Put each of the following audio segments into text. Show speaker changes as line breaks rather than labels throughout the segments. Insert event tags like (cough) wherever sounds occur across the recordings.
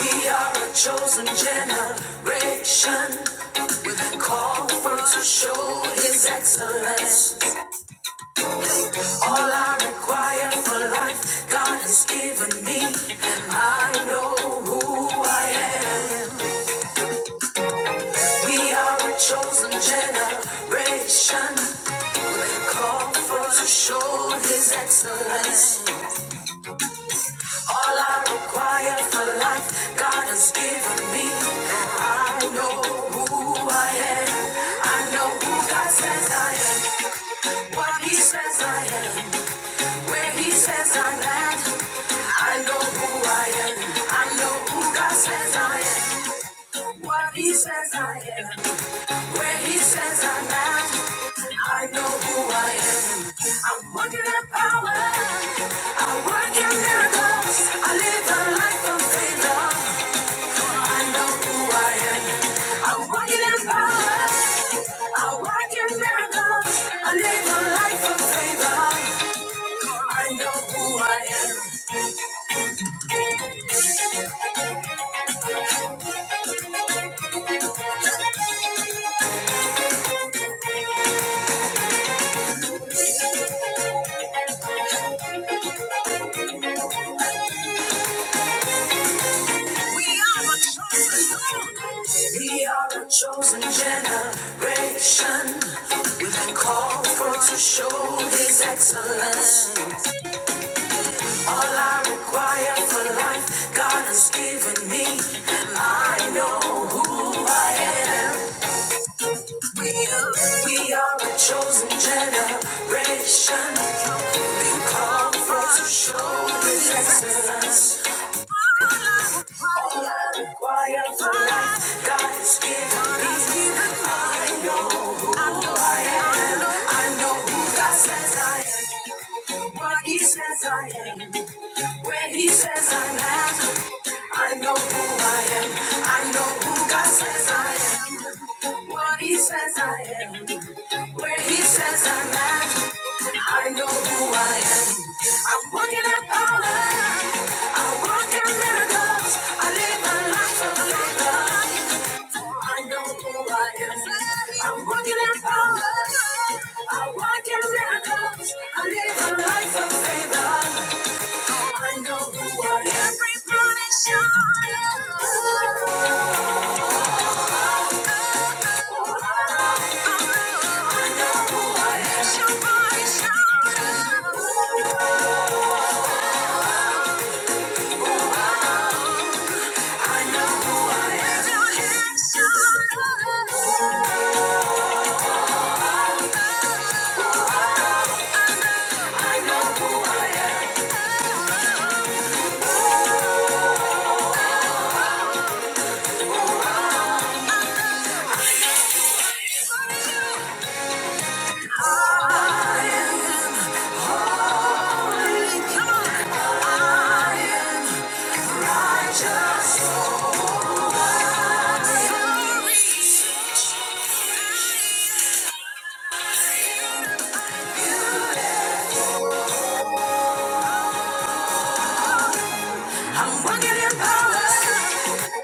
We are a chosen generation with a call for to show his excellence. All I require for life, God has given me, and I know who I am. We are a chosen generation, called forth to show His excellence. All I require for life, God has given me. I know who I am. I know who God says I am. What He says I am. Where He says I'm at. I know who I am. I know who God says I am. What he says I am, where he says I am, I know who I am. I'm working in power, I work in miracles, I live a life of favor. I know who I am, I'm working in power, I work in miracles, I live a life of favor. I know who I am. We are the chosen. We are the chosen generation. We've been called for to show His excellence. All I require for life, God has given me. I know who I am. We are we are the chosen generation. We come forth to show His excellence. All I require for life, God has given me. I know who I am. I know who God says I am. What He says I am. When he says I'm am, I know who I am. I know who God says I am. What he says I am. When he says I'm am, I know who I am. I'm walking in power. I walk in miracles. I live a life of labor. I know who I am. I'm walking in power. I walk in miracles. I live a life of favor. I know you are everybody I'm walking in power.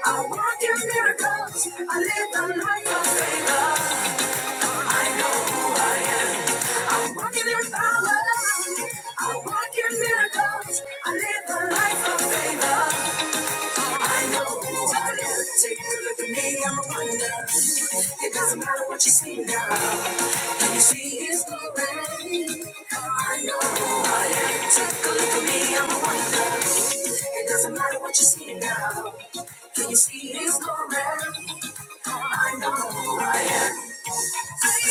I walk in miracles. I live the life of faith. I'm walking in power. I'm walking miracles. I live a life of favor. I know who I am. Take a look at me. I'm a wonder. It doesn't matter what you see now. Can you see His glory? I know who I am. Take a look at me. I'm a wonder. It doesn't matter what you see now. Can you see His glory? I know who I am. Everybody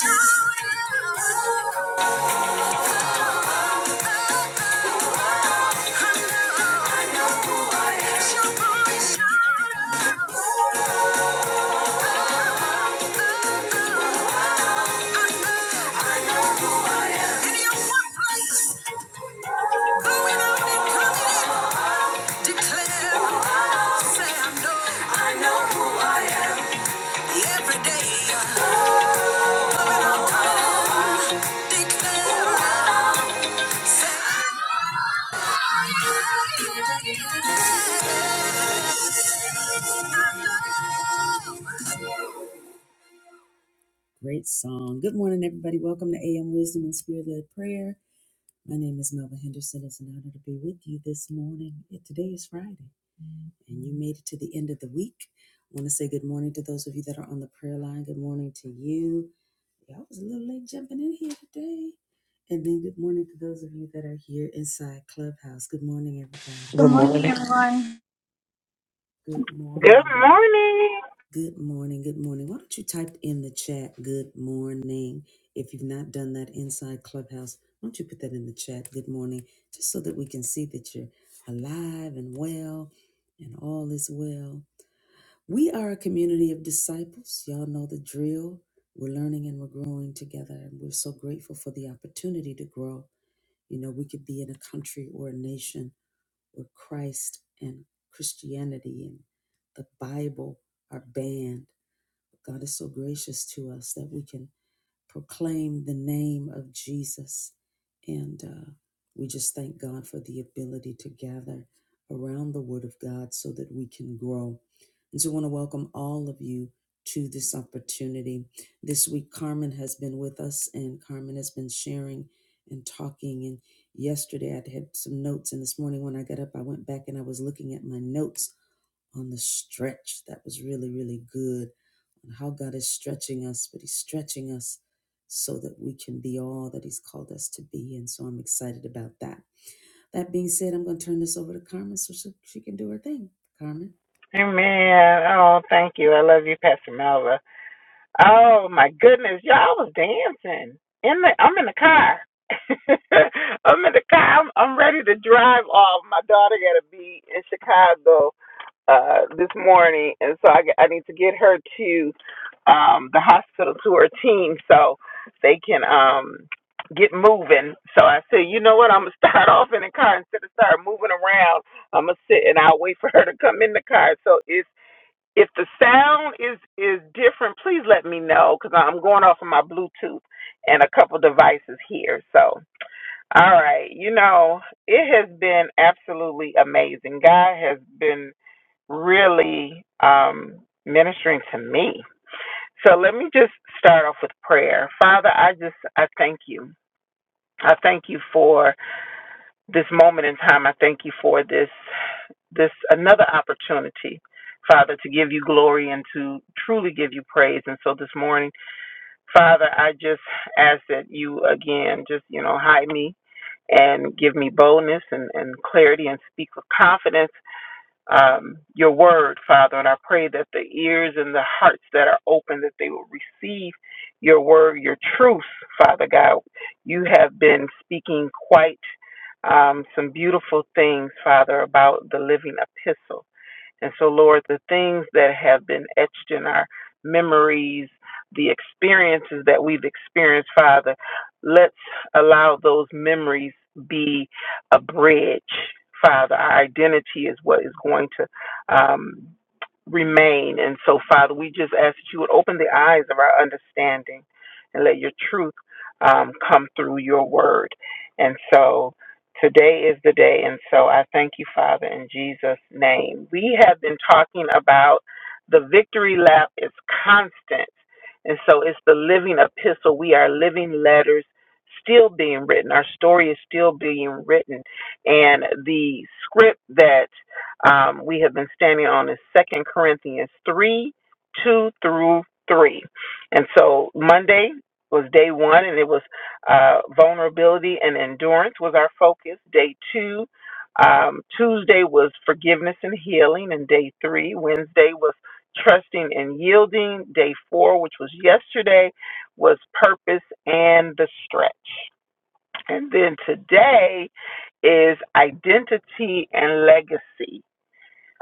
shout out.
Good
Good
morning,
morning.
everyone.
Good morning. Amen. Oh, thank you. I love you, Pastor Melva. Oh my goodness, y'all was dancing. In the I'm in the car. (laughs) I'm in the car. I'm, I'm ready to drive off. My daughter gotta be in Chicago uh, this morning, and so I I need to get her to um, the hospital to her team so they can um, get moving. So I said, you know what? I'm gonna (laughs) start off in the car instead of start moving around. I'm gonna sit and I'll wait for her to come in the car. So if if the sound is is different, please let me know because I'm going off of my Bluetooth and a couple devices here. So all right, you know it has been absolutely amazing. God has been really um, ministering to me. So let me just start off with prayer. Father, I just I thank you. I thank you for this moment in time. I thank you for this this another opportunity, Father, to give you glory and to truly give you praise. And so this morning, Father, I just ask that you again just you know hide me and give me boldness and, and clarity and speak with confidence um, your word, Father. And I pray that the ears and the hearts that are open, that they will receive your word, your truth, Father God. You have been speaking quite um, some beautiful things, Father, about the living epistle. And so, Lord, the things that have been etched in our memories, the experiences that we've experienced, Father, let's allow those memories be a bridge, Father. Our identity is what is going to um, remain. And so, Father, we just ask that you would open the eyes of our understanding and let your truth um, come through your word. And so, Today is the day, and so I thank you, Father, in Jesus' name. We have been talking about the victory lap is constant, and so it's the living epistle. We are living letters still being written. Our story is still being written, and the script that um, we have been standing on is Second Corinthians three, two through three, and so Monday was day one, and it was uh, vulnerability and endurance was our focus. Day two. Um, Tuesday was forgiveness and healing, and day three. Wednesday was trusting and yielding. Day four, which was yesterday, was purpose and the stretch. And then today is identity and legacy.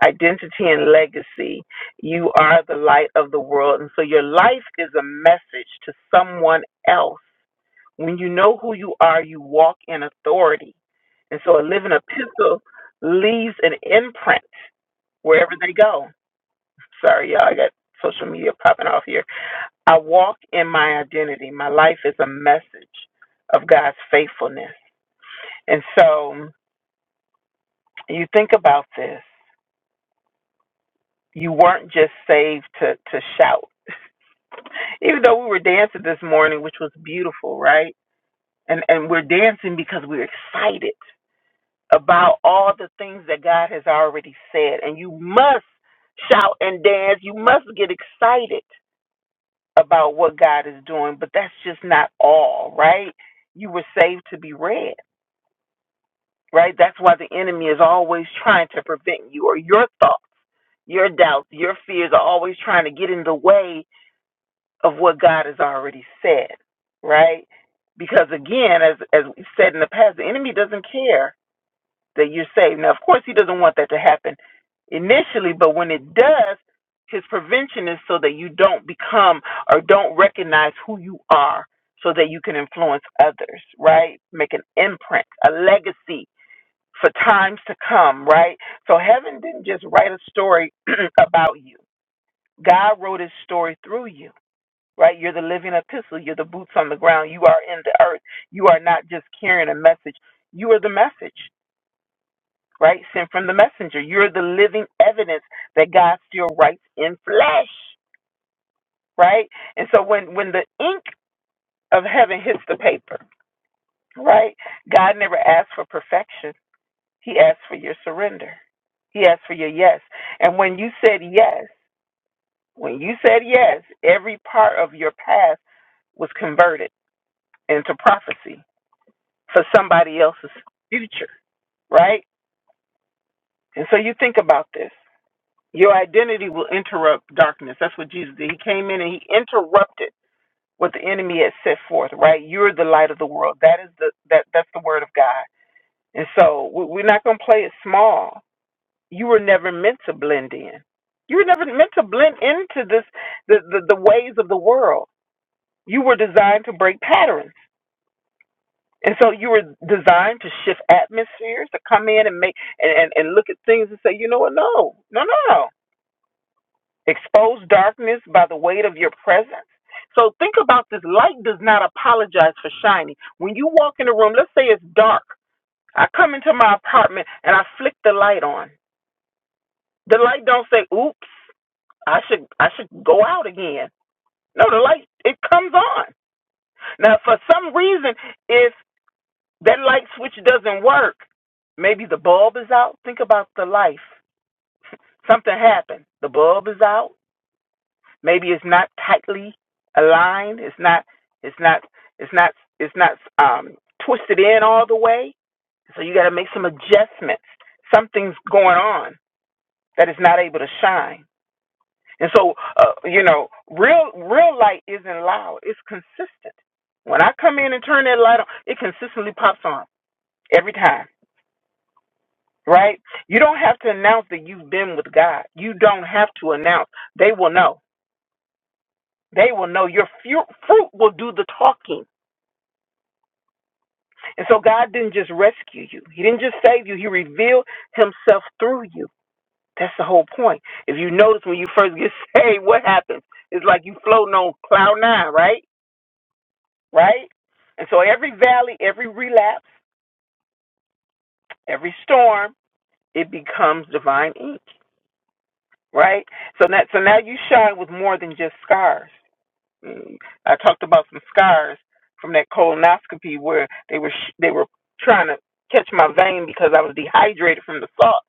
Identity and legacy. You are the light of the world. And so your life is a message to someone else when you know who you are, you walk in authority. And so a living epistle leaves an imprint wherever they go. Sorry, y'all, I got social media popping off here. I walk in my identity. My life is a message of God's faithfulness. And so you think about this. You weren't just saved to, to shout. Even though we were dancing this morning, which was beautiful, right? And and we're dancing because we're excited. about all the things that God has already said. And you must shout and dance. You must get excited about what God is doing, but that's just not all, right? You were saved to be read, right? That's why the enemy is always trying to prevent you or your thoughts, your doubts, your fears are always trying to get in the way of what God has already said, right? Because again, as as we said in the past, the enemy doesn't care that you're saved. Now, of course, he doesn't want that to happen initially, but when it does, his prevention is so that you don't become or don't recognize who you are so that you can influence others, right? Make an imprint, a legacy for times to come, right? So heaven didn't just write a story (clears throat) about you. God wrote his story through you, right? You're the living epistle. You're the boots on the ground. You are in the earth. You are not just carrying a message. You are the message right? Sent from the messenger. You're the living evidence that God still writes in flesh, right? And so when when the ink of heaven hits the paper, right? God never asked for perfection. He asked for your surrender. He asked for your yes. And when you said yes, when you said yes, every part of your past was converted into prophecy for somebody else's future, right? And so you think about this. Your identity will interrupt darkness. That's what Jesus did. He came in and he interrupted what the enemy had set forth. Right? You're the light of the world. That is the that that's the word of God. And so we- we're not going to play it small. You were never meant to blend in. You were never meant to blend into this the the, the ways of the world. You were designed to break patterns. And so you were designed to shift atmospheres, to come in and make and, and, and look at things and say, you know what, no, no, no, no. expose darkness by the weight of your presence. So think about this light does not apologize for shining. When you walk in a room, let's say it's dark. I come into my apartment and I flick the light on. The light don't say, "Oops, I should I should go out again." No, the light it comes on. Now, for some reason, if that light switch doesn't work, maybe the bulb is out. Think about the life. Something happened. The bulb is out Maybe it's not tightly aligned. It's not. It's not. It's not. It's not um, twisted in all the way. So you got to make some adjustments. Something's going on that is not able to shine. And so, uh, you know, real real light isn't loud. It's consistent. When I come in and turn that light on, it consistently pops on every time. Right? You don't have to announce that you've been with God. You don't have to announce. They will know. They will know. Your fu- fruit will do the talking. And so God didn't just rescue you. He didn't just save you. He revealed himself through you. That's the whole point. If you notice when you first get (laughs) saved, what happens? It's like you floating on cloud nine, right? Right? And so every valley, every relapse, every storm, it becomes divine ink, right? So that so now you shine with more than just scars. Mm. I talked about some scars from that colonoscopy where they were sh- they were trying to catch my vein because I was dehydrated from the salt,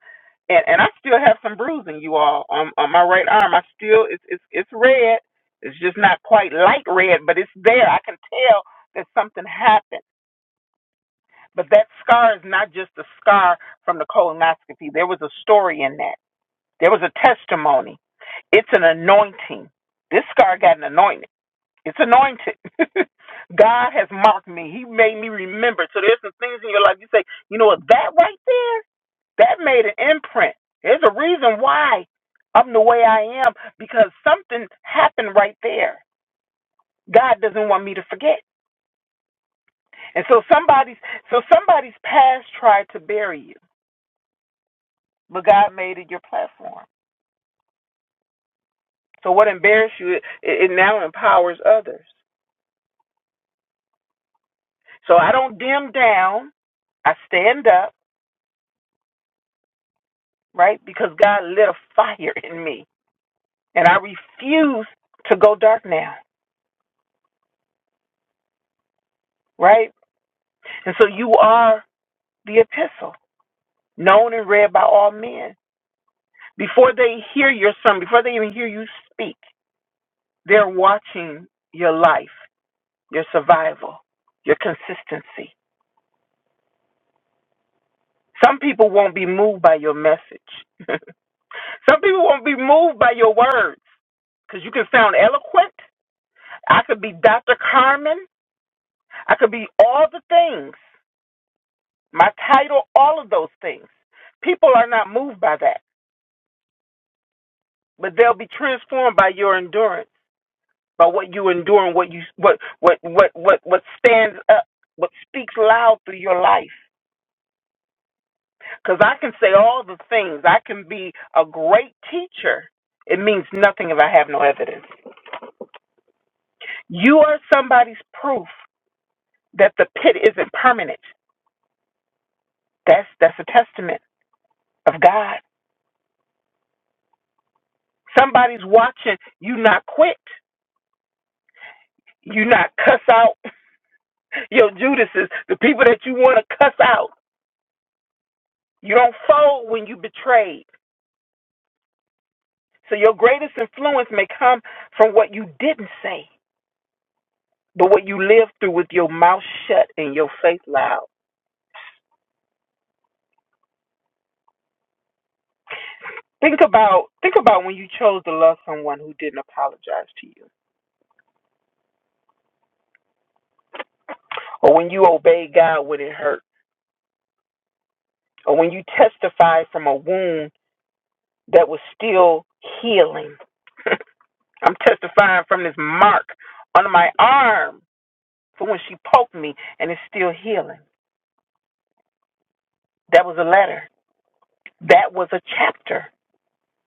and and I still have some bruising, you all, on on my right arm. I still it's it's it's red. It's just not quite light red, but it's there. I can tell that something happened. But that scar is not just a scar from the colonoscopy. There was a story in that. There was a testimony. It's an anointing. This scar got an anointing it's anointed. (laughs) God has marked me. He made me remember. So there's some things in your life you say, you know what, that right there, that made an imprint. There's a reason why I'm the way I am because something happened right there. God doesn't want me to forget. And so somebody's so somebody's past tried to bury you, but God made it your platform. So what embarrassed you, it, it now empowers others. So I don't dim down. I stand up. right? Because God lit a fire in me and I refuse to go dark now, right? And so you are the epistle, known and read by all men. Before they hear your sermon, before they even hear you speak, they're watching your life, your survival, your consistency. Some people won't be moved by your message. (laughs) Some people won't be moved by your words because you can sound eloquent. I could be Dr. Carmen. I could be all the things, my title, all of those things. People are not moved by that, but they'll be transformed by your endurance, by what you endure and what you what what what what what stands up, what speaks loud through your life. Because I can say all the things. I can be a great teacher. It means nothing if I have no evidence. You are somebody's proof that the pit isn't permanent. That's that's a testament of God. Somebody's watching you not quit. You not cuss out your Judases, the people that you want to cuss out. You don't fold when you betrayed. So your greatest influence may come from what you didn't say, but what you lived through with your mouth shut and your faith loud. Think about think about when you chose to love someone who didn't apologize to you, or when you obeyed God when it hurt, or when you testified from a wound that was still healing. (laughs) I'm testifying from this mark on my arm for when she poked me and it's still healing. That was a letter. That was a chapter.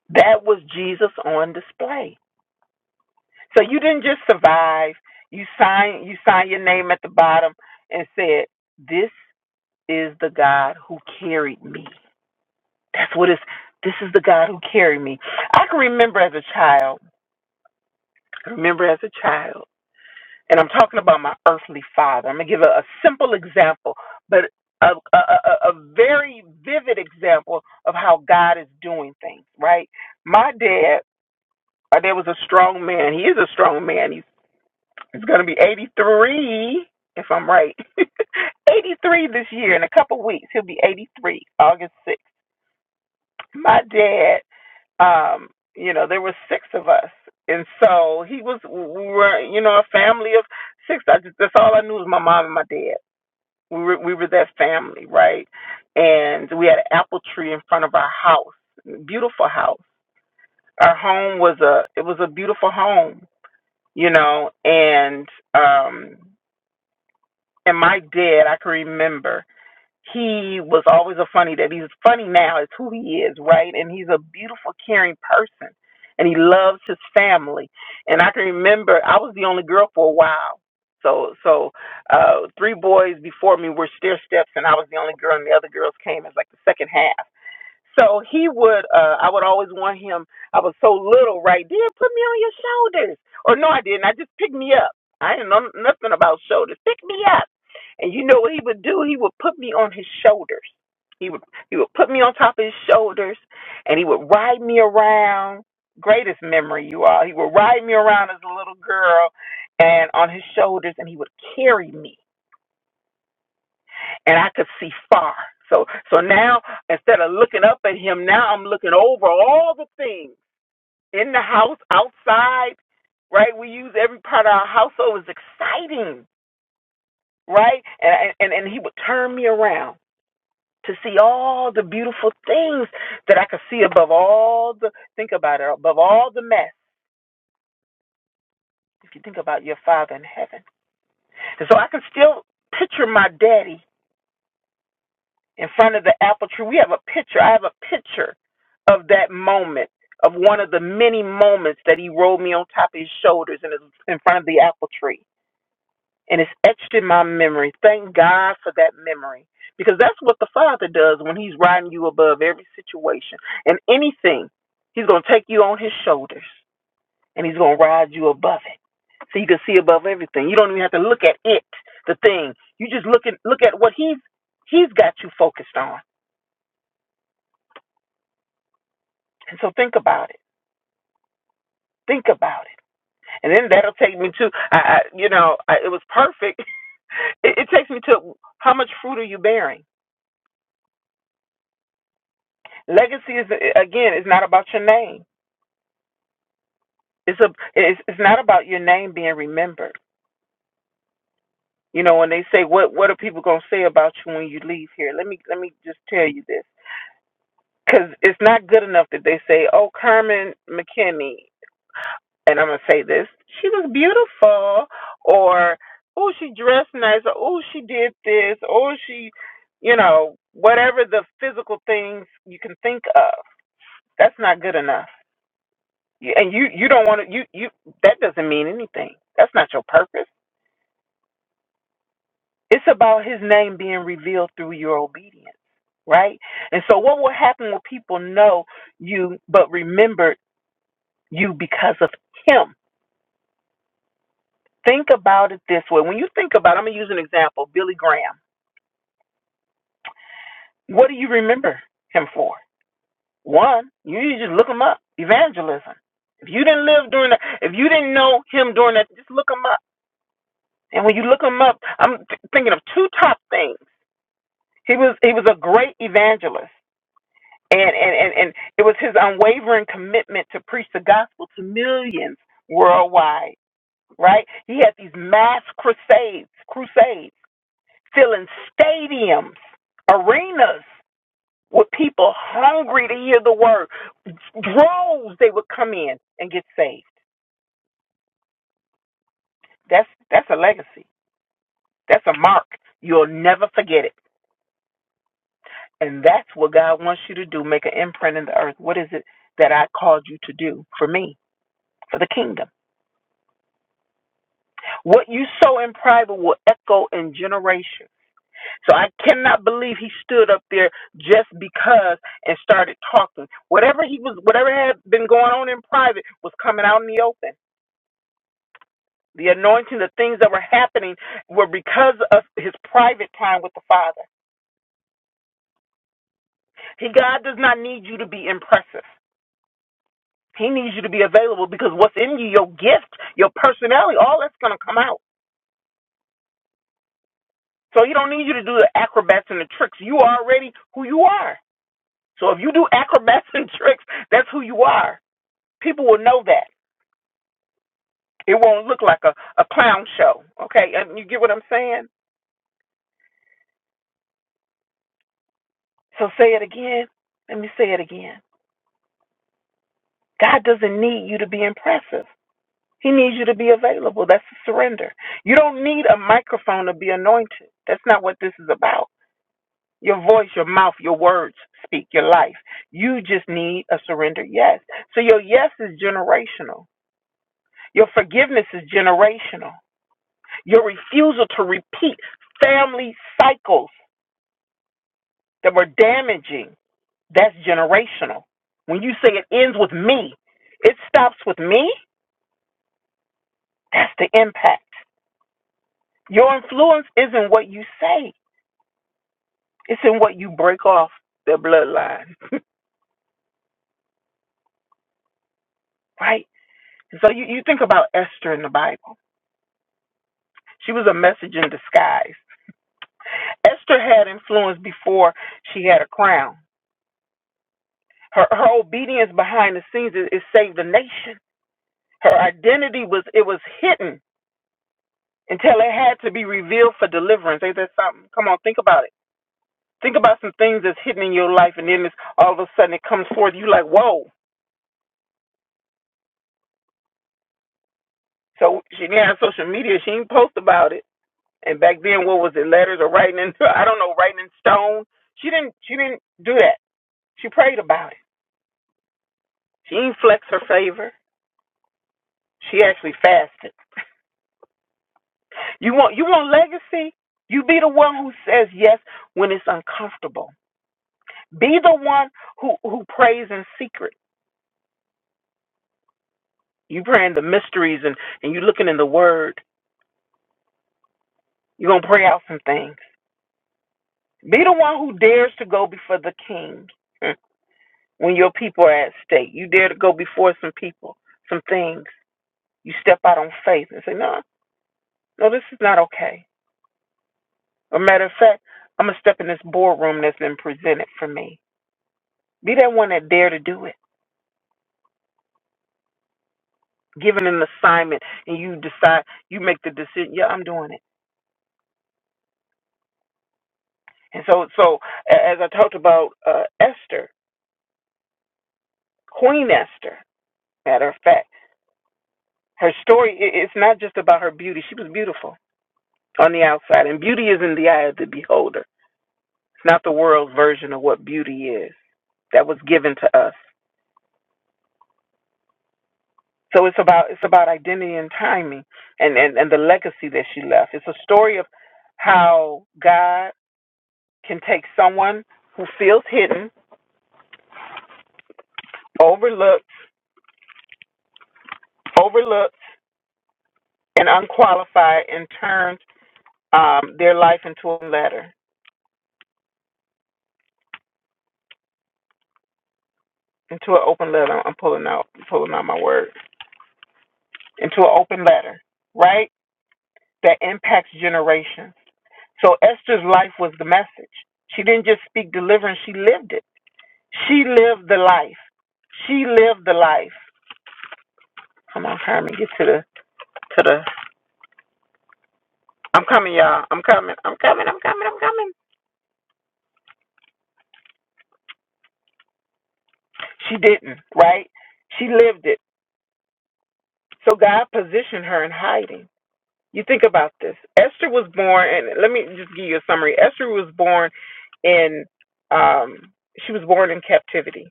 That was Jesus on display. So you didn't just survive. You signed you signed your name at the bottom and said, This is the God who carried me. That's what it's this is the God who carried me. I can remember as a child, I remember as a child and I'm talking about my earthly father. I'm gonna give a, a simple example, but a, a, a, a very vivid example of how God is doing things. Right, my dad, my dad was a strong man. He is a strong man. He's he's gonna be 83 if I'm right. (laughs) 83 this year in a couple weeks. He'll be 83, August 6th my dad um you know there were six of us and so he was we were you know a family of six I just, that's all i knew was my mom and my dad we were we were that family right and we had an apple tree in front of our house beautiful house our home was a it was a beautiful home you know and um and my dad i can remember he was always a funny that he's funny now is who he is right and he's a beautiful caring person and he loves his family and i can remember i was the only girl for a while so so uh three boys before me were stair steps and i was the only girl and the other girls came as like the second half so he would, uh, I would always want him. I was so little, right? Dad, put me on your shoulders. Or no, I didn't. I just picked me up. I didn't know nothing about shoulders. Pick me up. And you know what he would do? He would put me on his shoulders. He would he would put me on top of his shoulders, and he would ride me around. Greatest memory, you all. He would ride me around as a little girl, and on his shoulders, and he would carry me and I could see far. So so now instead of looking up at him, now I'm looking over all the things in the house, outside, right? We use every part of our household it's exciting, right? And and and he would turn me around to see all the beautiful things that I could see above all the think about it above all the mess. If you think about your father in heaven, and so I can still picture my daddy in front of the apple tree. We have a picture. I have a picture of that moment, of one of the many moments that he rolled me on top of his shoulders and is in front of the apple tree. And it's etched in my memory. Thank God for that memory. Because that's what the Father does when He's riding you above every situation and anything. He's going to take you on His shoulders and He's going to ride you above it. So you can see above everything. You don't even have to look at it, the thing. You just look at look at what he's he's got you focused on And so think about it. Think about it. And then that'll take me to, I, I you know, I, it was perfect. (laughs) It, it takes me to how much fruit are you bearing? Legacy is again, is not about your name. It's a, it's, it's not about your name being remembered. You know, when they say what what are people gonna say about you when you leave here? Let me let me just tell you this, because it's not good enough that they say, oh, Carmen McKinney. and I'm gonna say this, she was beautiful, or oh she dressed nice, or oh she did this, or she, you know, whatever the physical things you can think of. That's not good enough, You- and you you don't want to you you that doesn't mean anything. That's not your purpose. It's about His name being revealed through your obedience, right? And so, what will happen when people know you but remember you because of Him? Think about it this way. When you think about, I'm gonna use an example, Billy Graham. What do you remember him for? One, you need to just look him up. Evangelism. If you didn't live during that, if you didn't know him during that, just look him up. And when you look him up, I'm th- thinking of two top things. He was he was a great evangelist, and and and, and it was his unwavering commitment to preach the gospel to millions worldwide. Right? He had these mass crusades, crusades filling stadiums, arenas with people hungry to hear the word. Droves they would come in and get saved. That's that's a legacy. That's a mark. You'll never forget it. And that's what God wants you to do, make an imprint in the earth. What is it that I called you to do for me, for the kingdom? What you sow in private will echo in generations. So I cannot believe he stood up there just because and started talking. Whatever he was, whatever had been going on in private was coming out in the open. The anointing, the things that were happening were because of his private time with the Father. He, God does not need you to be impressive. He needs you to be available because what's in you, your gift, your personality, all that's going to come out. So he don't need you to do the acrobats and the tricks. You are already who you are. So if you do acrobats (laughs) and tricks, that's who you are. People will know that. It won't look like a, a clown show. Okay, And you get what I'm saying? So say it again. Let me say it again. God doesn't need you to be impressive. He needs you to be available. That's a surrender. You don't need a microphone to be anointed. That's not what this is about. Your voice, your mouth, your words speak your life. You just need a surrender yes. So your yes is generational. Your forgiveness is generational. Your refusal to repeat family cycles that were damaging, that's generational. When you say it ends with me, it stops with me, that's the impact. Your influence isn't what you say, it's in what you break off their bloodline, right? So you, you think about Esther in the Bible. She was a message in disguise. Esther had influence before she had a crown. Her, her obedience behind the scenes, it, it saved the nation. Her identity was, it was hidden until it had to be revealed for deliverance. Ain't that something? Come on, think about it. Think about some things that's hidden in your life, and then it's, all of a sudden it comes forth. You like, whoa. So she didn't have social media. She didn't post about it. And back then, what was it? Letters or writing in? (laughs) I don't know, writing in stone. She didn't. She didn't do that. She prayed about it. She didn't flex her favor. She actually fasted. You want you want legacy. You be the one who says yes when it's uncomfortable. Be the one who who prays in secret. You praying the mysteries and, and you looking in the word. You're gonna pray out some things. Be the one who dares to go before the king mm, when your people are at stake. You dare to go before some people, some things. You step out on faith and say, No, no, this is not okay. As a matter of fact, I'm gonna step in this boardroom that's been presented for me. Be that one that dare to do it. Given an assignment and you decide you make the decision, yeah, I'm doing it. And so so a- as I talked about uh, Esther, Queen Esther. Matter of fact, her story, i- it's not just about her beauty. She was beautiful on the outside, and beauty is in the eye of the beholder. It's not the world's version of what beauty is that was given to us. So it's about it's about identity and timing and, and, and the legacy that she left. It's a story of how God can take someone who feels hidden, overlooked, overlooked, and unqualified and turn um, their life into a letter, into an open letter. I'm pulling out pulling out my words into an open letter, right? That impacts generations. So Esther's life was the message. She didn't just speak deliverance, she lived it. She lived the life. She lived the life. Come on, Carmen, get to the to the I'm coming, y'all. I'm coming. I'm coming. I'm coming. I'm coming. She didn't, right? She lived it. So God positioned her in hiding. You think about this. Esther was born and let me just give you a summary. Esther was born in um she was born in captivity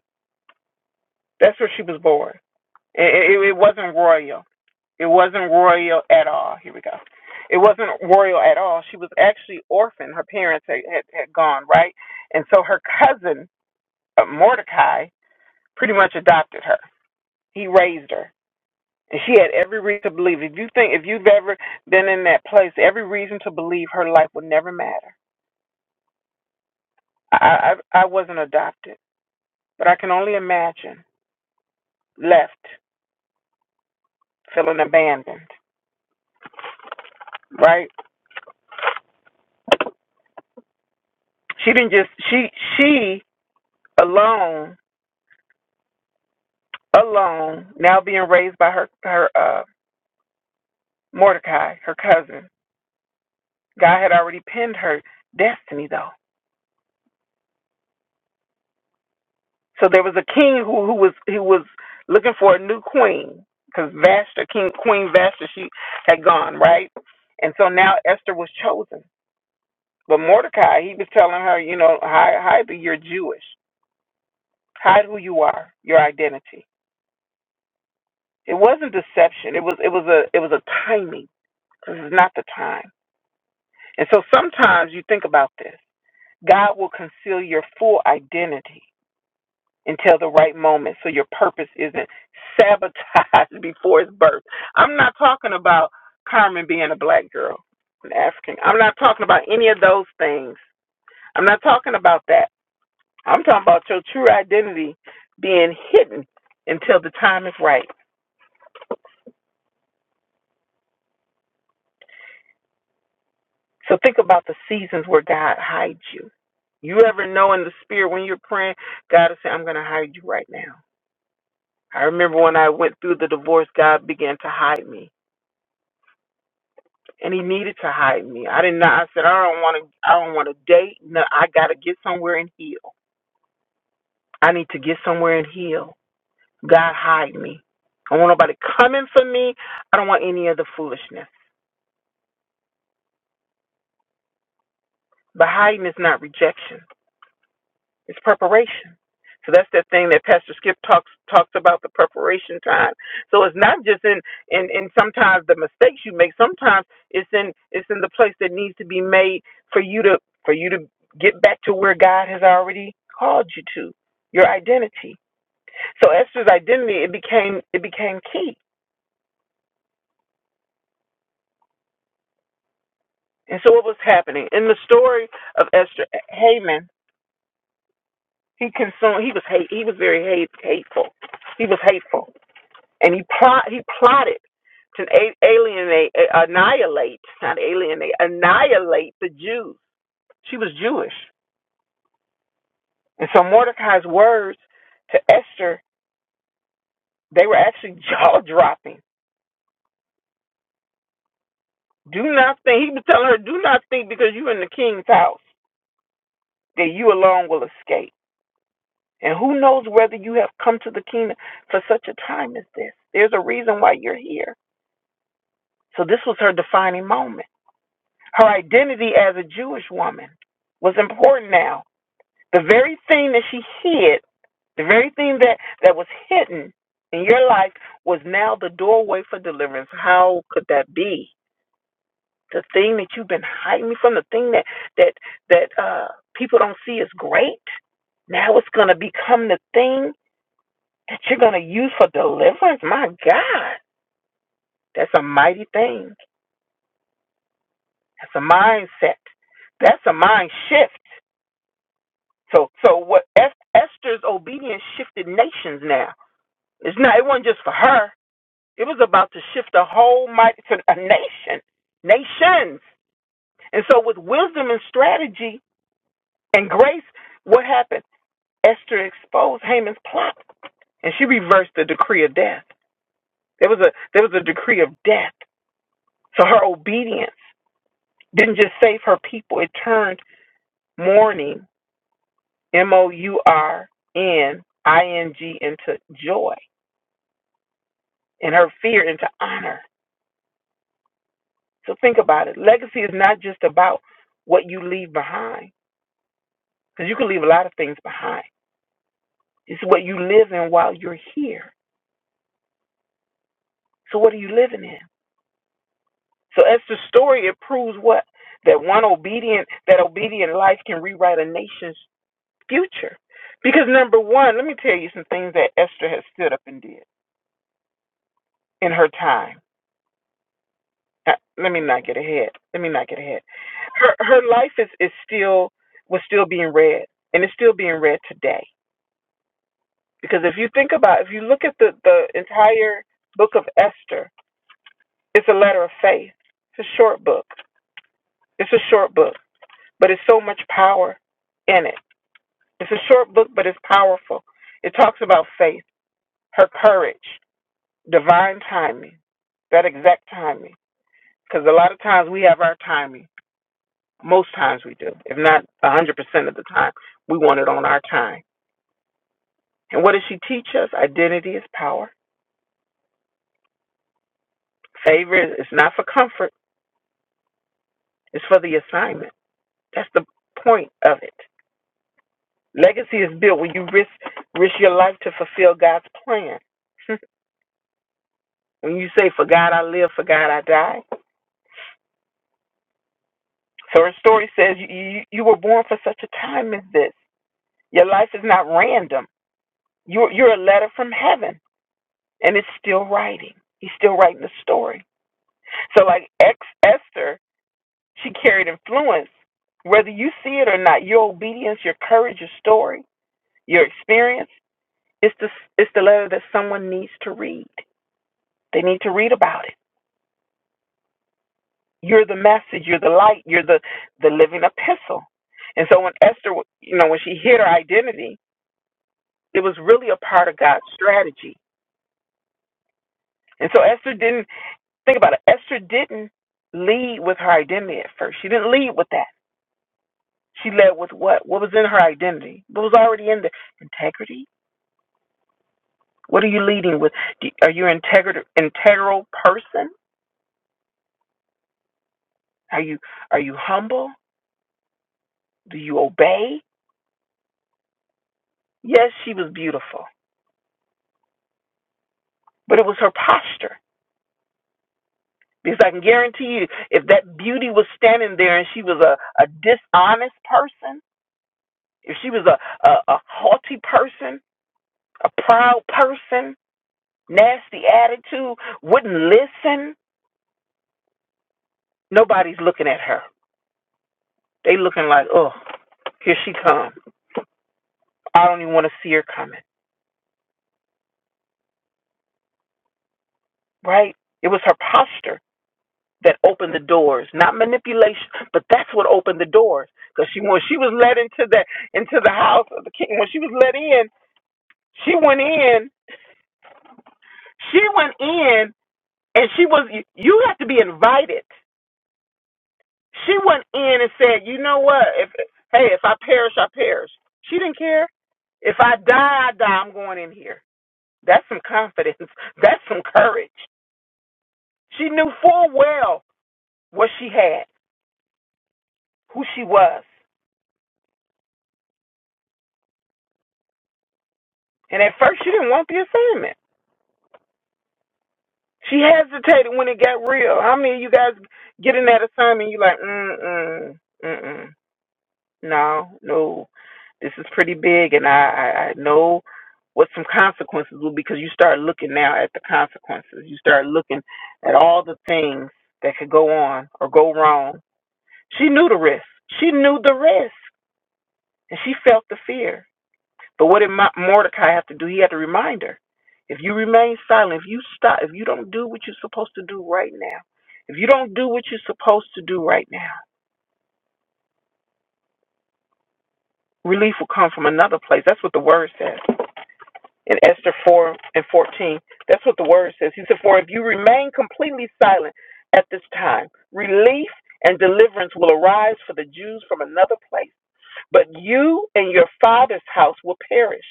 That's where she was born. It, it, it wasn't royal. It wasn't royal at all. Here we go. It wasn't royal at all. She was actually orphaned. Her parents had, had, had gone, right? And so her cousin, uh, Mordecai, pretty much adopted her. He raised her. And she had every reason to believe. If you think, if you've ever been in that place, every reason to believe her life would never matter. I, I, I wasn't adopted, but I can only imagine left, feeling abandoned, right? She didn't just she she alone alone now being raised by her her uh Mordecai, her cousin. God had already pinned her destiny though. So there was a king who who was who was looking for a new queen because Vashta, King Queen Vashta, she had gone right, and so now Esther was chosen. But Mordecai, he was telling her, you know, hide, hide that you're Jewish, hide who you are, your identity. It wasn't deception. It was it was a it was a timing This is not the time. And so sometimes you think about this God will conceal your full identity until the right moment so your purpose isn't sabotaged (laughs) before its birth. I'm not talking about Carmen being a black girl, an African. I'm not talking about any of those things. I'm not talking about that. I'm talking about your true identity being hidden until the time is right. So think about the seasons where God hides you. You ever know in the spirit when you're praying, God is saying, I'm going to hide you right now. I remember when I went through the divorce, God began to hide me. And he needed to hide me. I didn't I said, I don't want to. I don't want to date. No, I got to get somewhere and heal. I need to get somewhere and heal. God, hide me. I don't want nobody coming for me. I don't want any of the foolishness. But hiding is not rejection. It's preparation. So that's that thing that Pastor Skip talks talks about the preparation time. So it's not just in in, in sometimes the mistakes you make. Sometimes it's in it's in the place that needs to be made for you to for you to get back to where God has already called you to your identity. So Esther's identity it became it became key. And so what was happening in the story of Esther Haman? He consumed. He was hate. He was very hate, hateful. He was hateful and he plot he plotted to a- alienate, a- annihilate, not alienate, annihilate the Jews. She was Jewish, and so Mordecai's words to Esther they were actually (laughs) jaw dropping. Do not think he was telling her, do not think because you're in the king's house that you alone will escape. And who knows whether you have come to the kingdom for such a time as this? There's a reason why you're here. So this was her defining moment. Her identity as a Jewish woman was important now The very thing that she hid, the very thing that, that was hidden in your life was now the doorway for deliverance. How could that be? The thing that you've been hiding from, the thing that that that uh, people don't see is great, now it's going to become the thing that you're going to use for deliverance. My God, that's a mighty thing. That's a mindset. That's a mind shift. So, so what? Es- Esther's obedience shifted nations now. It's not. It wasn't just for her. It was about to shift the whole might to a nation, nations. And so, with wisdom and strategy and grace, what happened? Esther exposed Haman's plot, and she reversed the decree of death. There was a there was a decree of death. So her obedience didn't just save her people; it turned mourning, M O U R N I N G, into joy, and her fear into honor. So think about it. Legacy is not just about what you leave behind, because you can leave a lot of things behind. It's what you live in while you're here. So what are you living in? So Esther's story it proves what that one obedient that obedient life can rewrite a nation's future. Because number one, let me tell you some things that Esther has stood up and did in her time. Uh, Let me not get ahead. Let me not get ahead. Her her life is, is still was still being read, and it's still being read today Because if you think about, if you look at the, the entire book of Esther, it's a letter of faith. It's a short book. It's a short book, but it's so much power in it. It's a short book, but it's powerful. It talks about faith, her courage, divine timing, that exact timing. Because a lot of times we have our timing. Most times we do, if not 100% of the time. We want it on our time. And what does she teach us? Identity is power. Favor is it's not for comfort, it's for the assignment. That's the point of it. Legacy is built when you risk risk your life to fulfill God's plan. (laughs) when you say, "For God I live, for God I die." So her story says you, you you were born for such a time as this. Your life is not random. You're you're a letter from heaven, and it's still writing. He's still writing the story. So like ex Esther, she carried influence. Whether you see it or not, your obedience, your courage, your story, your experience, it's the it's the letter that someone needs to read. They need to read about it. You're the message. You're the light. You're the the living epistle. And so when Esther, you know, when she hid her identity, it was really a part of God's strategy. And so Esther didn't think about it. Esther didn't lead with her identity at first. She didn't lead with that. She led with what? What was in her identity? What was already in there? Integrity. What are you leading with? Do, are you an integral integral person? Are you are you humble? Do you obey? Yes, she was beautiful, but it was her posture. Because I can guarantee you, if that beauty was standing there and she was a, a dishonest person, if she was a, a, a haughty person, a proud person, nasty attitude, wouldn't listen, nobody's looking at her. They looking like, oh, here she come. I don't even want to see her coming. Right? It was her posture that opened the doors, not manipulation, but that's what opened the doors. Because she when she was led into the into the house of the king, when she was let in, she went in She went in and she was. You have to be invited. She went in and said, "You know what? If hey, if I perish, I perish." She didn't care. If I die, I die. I'm going in here. That's some confidence. (laughs) That's some courage. She knew full well what she had, who she was, and at first she didn't want the assignment. She hesitated when it got real. How many of you guys get in that assignment? You like, mm mm mm mm. No, no, this is pretty big, and I, I, I know what some consequences will be because you start looking now at the consequences. You start looking at all the things that could go on or go wrong. She knew the risk. She knew the risk, and she felt the fear. But what did Mo- Mordecai have to do? He had to remind her. If you remain silent, if you stop, if you don't do what you're supposed to do right now, if you don't do what you're supposed to do right now, relief will come from another place. That's what the word says. in Esther 4 and 14. That's what the word says. He said, For if you remain completely silent at this time, relief and deliverance will arise for the Jews from another place, but you and your father's house will perish.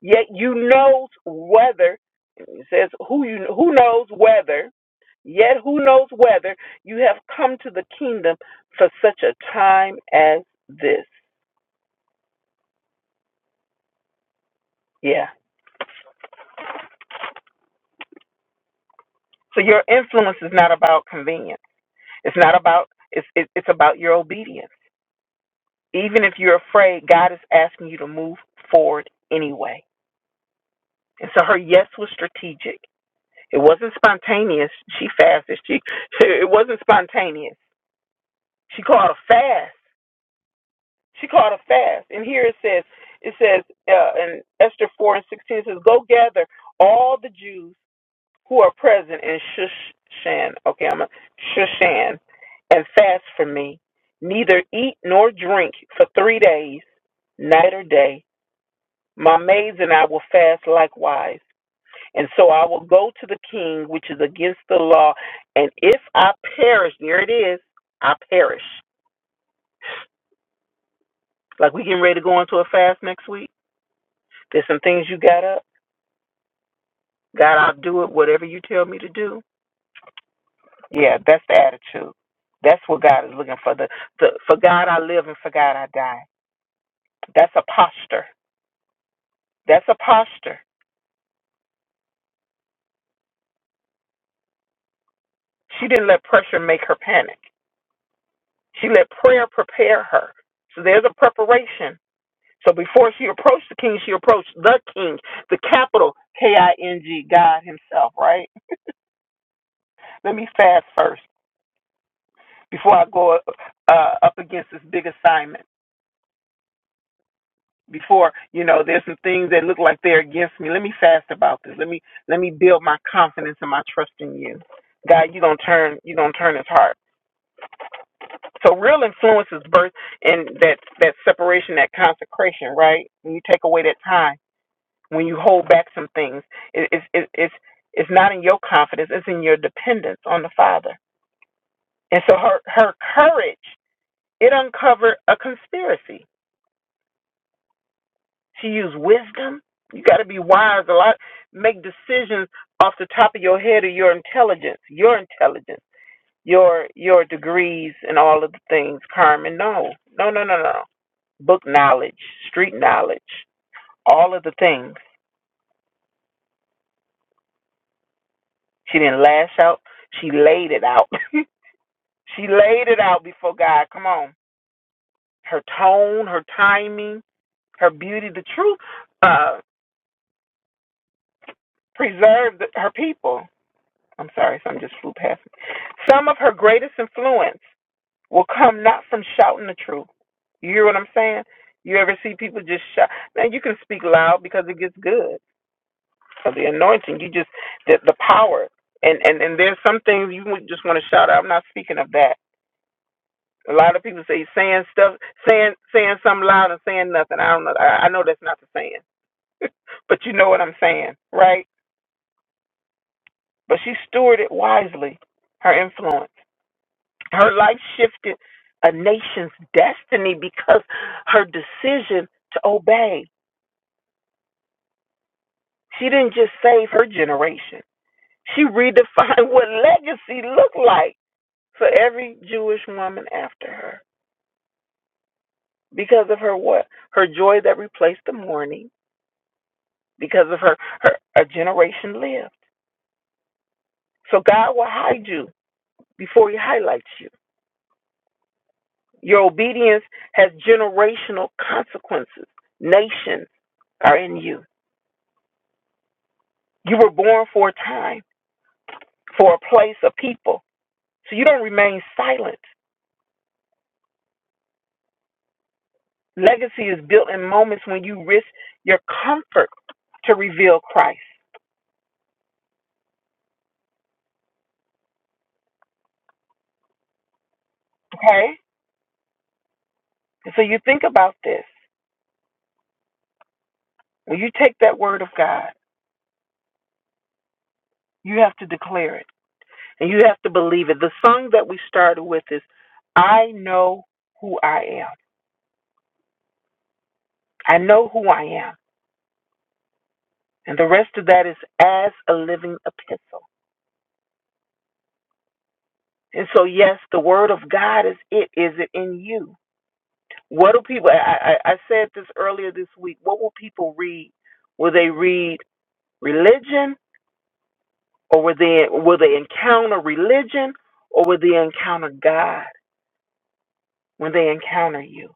Yet you knows whether, it says, who, you, who knows whether, yet who knows whether you have come to the kingdom for such a time as this. Yeah. So your influence is not about convenience. It's not about it's it, it's about your obedience. Even if you're afraid, God is asking you to move forward anyway. And so her yes was strategic. It wasn't spontaneous. She fasted. She (laughs) it wasn't spontaneous. She called a fast. She called a fast. And here it says it says uh, in Esther four and sixteen it says, "Go gather all the Jews." who are present in Shushan, okay, I'm a, Shushan, and fast from me. Neither eat nor drink for three days, night or day. My maids and I will fast likewise. And so I will go to the king, which is against the law. And if I perish, there it is, I perish. Like we getting ready to go into a fast next week. There's some things you got up. God, I'll do it, whatever you tell me to do Yeah, that's the attitude. That's what God is looking for. The, the for God I live and for God I die. That's a posture. That's a posture. She didn't let pressure make her panic. She let prayer prepare her. So there's a preparation. So before she approached the king, she approached the king, the capital K I N G, God Himself. Right? Let me fast first before I go uh, up against this big assignment. before you know there's some things that look like they're against me let me fast about this let me let me build my confidence and my trust in you god you don't turn you don't turn his heart so real influence is birth and that that separation that consecration right when you take away that time when you hold back some things it, it's it, it's it's not in your confidence it's in your dependence on the father and so her her courage it uncovered a conspiracy to use wisdom. You got to be wise a lot. Make decisions off the top of your head or your intelligence, your intelligence, your your degrees and all of the things, Carmen. No, no, no, no, no. no. Book knowledge, street knowledge, all of the things. She didn't lash out. She laid it out. (laughs) she laid it out before God. Come on. Her tone, her timing, her beauty, the truth uh, preserved her people. I'm sorry, some just flew past me. Some of her greatest influence will come not from shouting the truth. You hear what I'm saying? You ever see people just shout? Man, you can speak loud because it gets good. Of the anointing, you just the, the power, and and and there's some things you would just want to shout out. I'm not speaking of that. A lot of people say saying stuff, saying saying something loud and saying nothing. I don't know. I, I know that's not the saying, (laughs) but you know what I'm saying, right? But she stewarded wisely her influence. Her life shifted a nation's destiny because her decision to obey. She didn't just save her generation. She redefined (laughs) what legacy looked like for every Jewish woman after her. Because of her what? Her joy that replaced the mourning. Because of her, her a generation lived. So God will hide you before he highlights you. Your obedience has generational consequences. Nations are in you. You were born for a time, for a place, a people. So you don't remain silent. Legacy is built in moments when you risk your comfort to reveal Christ. Okay? And so you think about this. When you take that word of God, you have to declare it and you have to believe it. The song that we started with is I know who I am. I know who I am. And the rest of that is as a living epistle. And so, yes, the word of God is it. Is it in you? What do people? I, I I said this earlier this week. What will people read? Will they read religion, or will they will they encounter religion, or will they encounter God when they encounter you?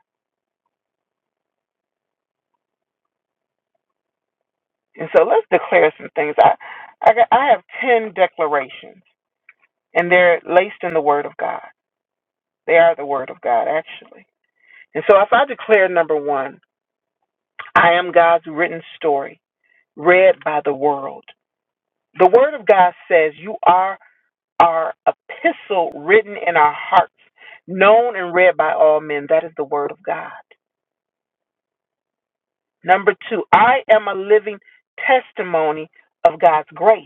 And so let's declare some things. I I, got, I have ten declarations, and they're laced in the Word of God. They are the Word of God, actually. And so if I declare number one, I am God's written story, read by the world. The Word of God says you are our epistle written in our hearts, known and read by all men. That is the word of God. Number two, I am a living testimony of God's grace.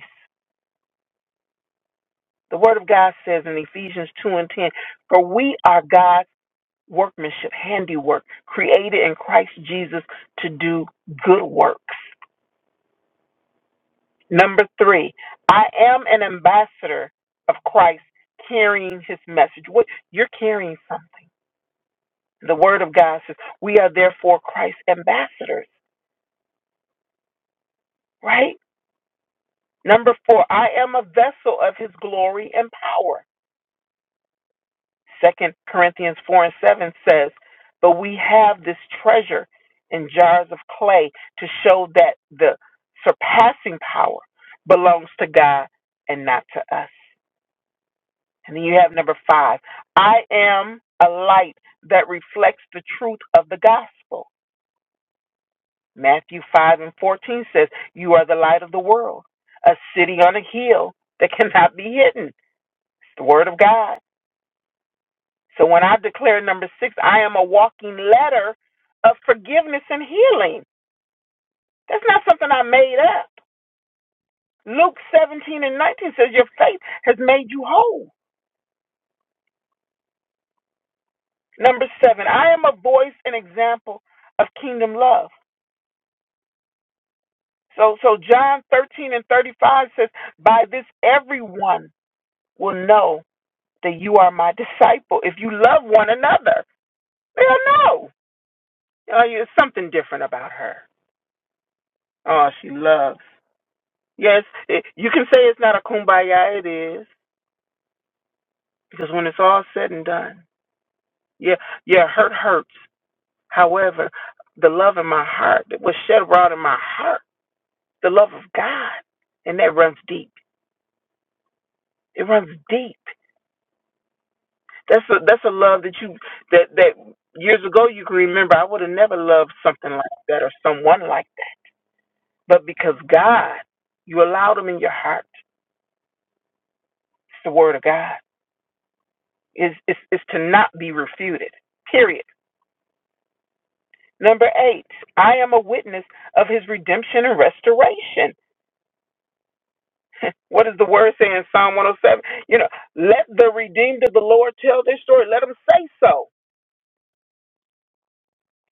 The word of God says in Ephesians 2 and 10, For we are God's workmanship, handiwork, created in Christ Jesus to do good works. Number three, I am an ambassador of Christ carrying his message. What you're carrying something. The word of God says, We are therefore Christ's ambassadors, right? Number four, I am a vessel of his glory and power. Second Corinthians four and seven says, But we have this treasure in jars of clay to show that the surpassing power belongs to God and not to us. And then you have number five, I am a light that reflects the truth of the gospel. Matthew 5 and 14 says, You are the light of the world, a city on a hill that (laughs) cannot be hidden. It's the word of God. So when I declare number six, I am a walking letter of forgiveness and healing. That's not something I made up. Luke 17 and 19 says, Your faith has made you whole. Number seven, I am a voice and example of kingdom love. So, so John 13 and 35 says, By this everyone will know that you are my disciple if you love one another. Hell no. Uh, there's something different about her. Oh, she loves. Yes, it, you can say it's not a kumbaya. It is because when it's all said and done, yeah, yeah, hurt hurts. However, the love in my heart that was shed abroad in my heart, the love of God, and that runs deep. It runs deep. That's a that's a love that you that that years ago you can remember. I would have never loved something like that or someone like that but because God, you allowed them in your heart. It's the word of God. Is is is to not be refuted. Period. Number eight, I am a witness of his redemption and restoration. (laughs) what does the word say in Psalm 107? You know, let the redeemed of the Lord tell their story. Let them say so.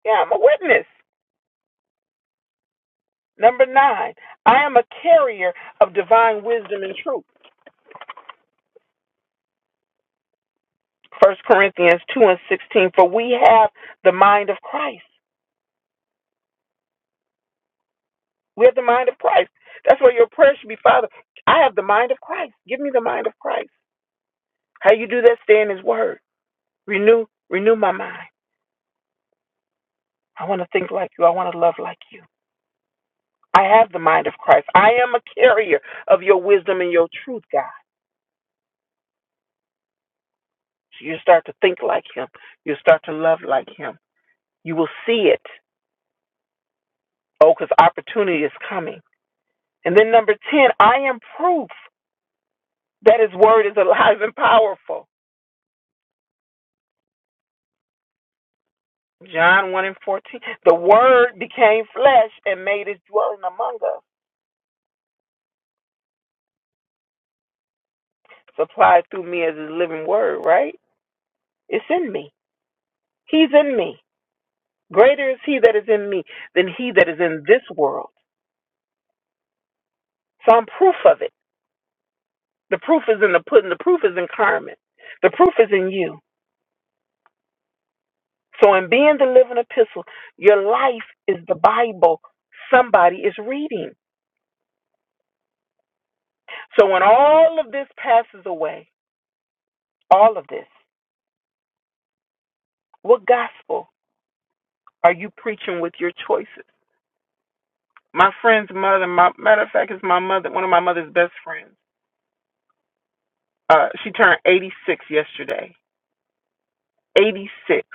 Yeah, I'm a witness. Number nine, I am a carrier of divine wisdom and truth. First Corinthians 2 and 16, for we have the mind of Christ. We have the mind of Christ. That's where your prayer should be, Father. I have the mind of Christ. Give me the mind of Christ. How you do that? Stay in His Word. Renew, renew my mind. I want to think like you. I want to love like you. I have the mind of Christ. I am a carrier of your wisdom and your truth, God. So you start to think like Him. You start to love like Him. You will see it. Oh, because opportunity is coming. And then number ten, I am proof that His Word is alive and powerful. John 1 and 14. The word became flesh and made his dwelling among us. Supplied through me as his living word, right? It's in me. He's in me. Greater is he that is in me than he that is in this world. So I'm proof of it. The proof is in the pudding. The proof is in Carmen. The proof is in you. So in being the living epistle, your life is the Bible somebody is reading. So when all of this passes away, all of this, what gospel? Are you preaching with your choices? My friend's mother, my matter of fact, is my mother, one of my mother's best friends. Uh, she turned 86 yesterday. 86.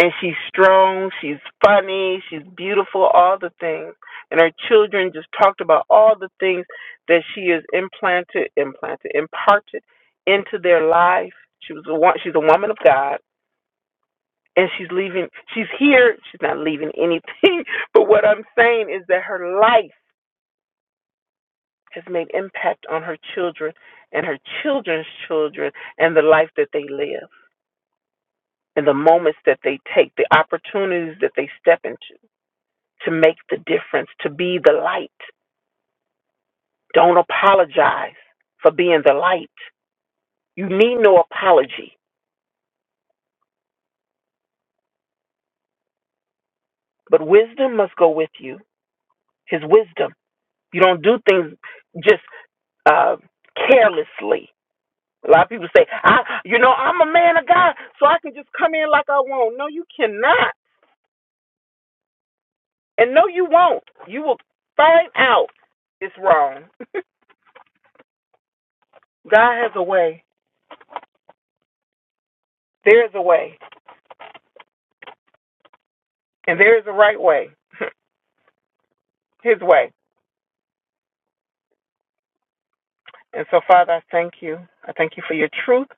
And she's strong, she's funny, she's beautiful, all the things. And her children just talked about all the things that she has implanted, implanted, imparted into their life. She was a wo- she's a woman of God, and she's leaving. She's here. She's not leaving anything. (laughs) But what I'm saying is that her life. has made impact on her children and her children's children and the life that they live and the moments that they take, the opportunities that they step into to make the difference, to be the light. Don't apologize for being the light. You need no apology, but wisdom must go with you. His wisdom. You don't do things just uh, carelessly. A lot of people say, "I, you know, I'm a man of God, so I can just come in like I want." No, you cannot And no, you won't. You will find out it's wrong. God has a way. There is a way. And there is a right way, His way. And so, Father, I thank you. I thank you for your truth.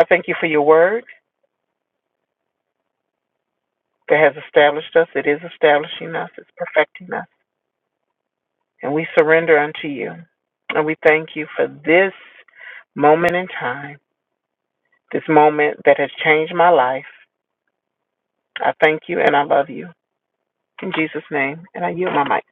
I thank you for your word that has established us. It is establishing us, it's perfecting us. And we surrender unto you. And we thank you for this moment in time, this moment that has changed my life. I thank you and I love you. In Jesus' name. And I yield my mic.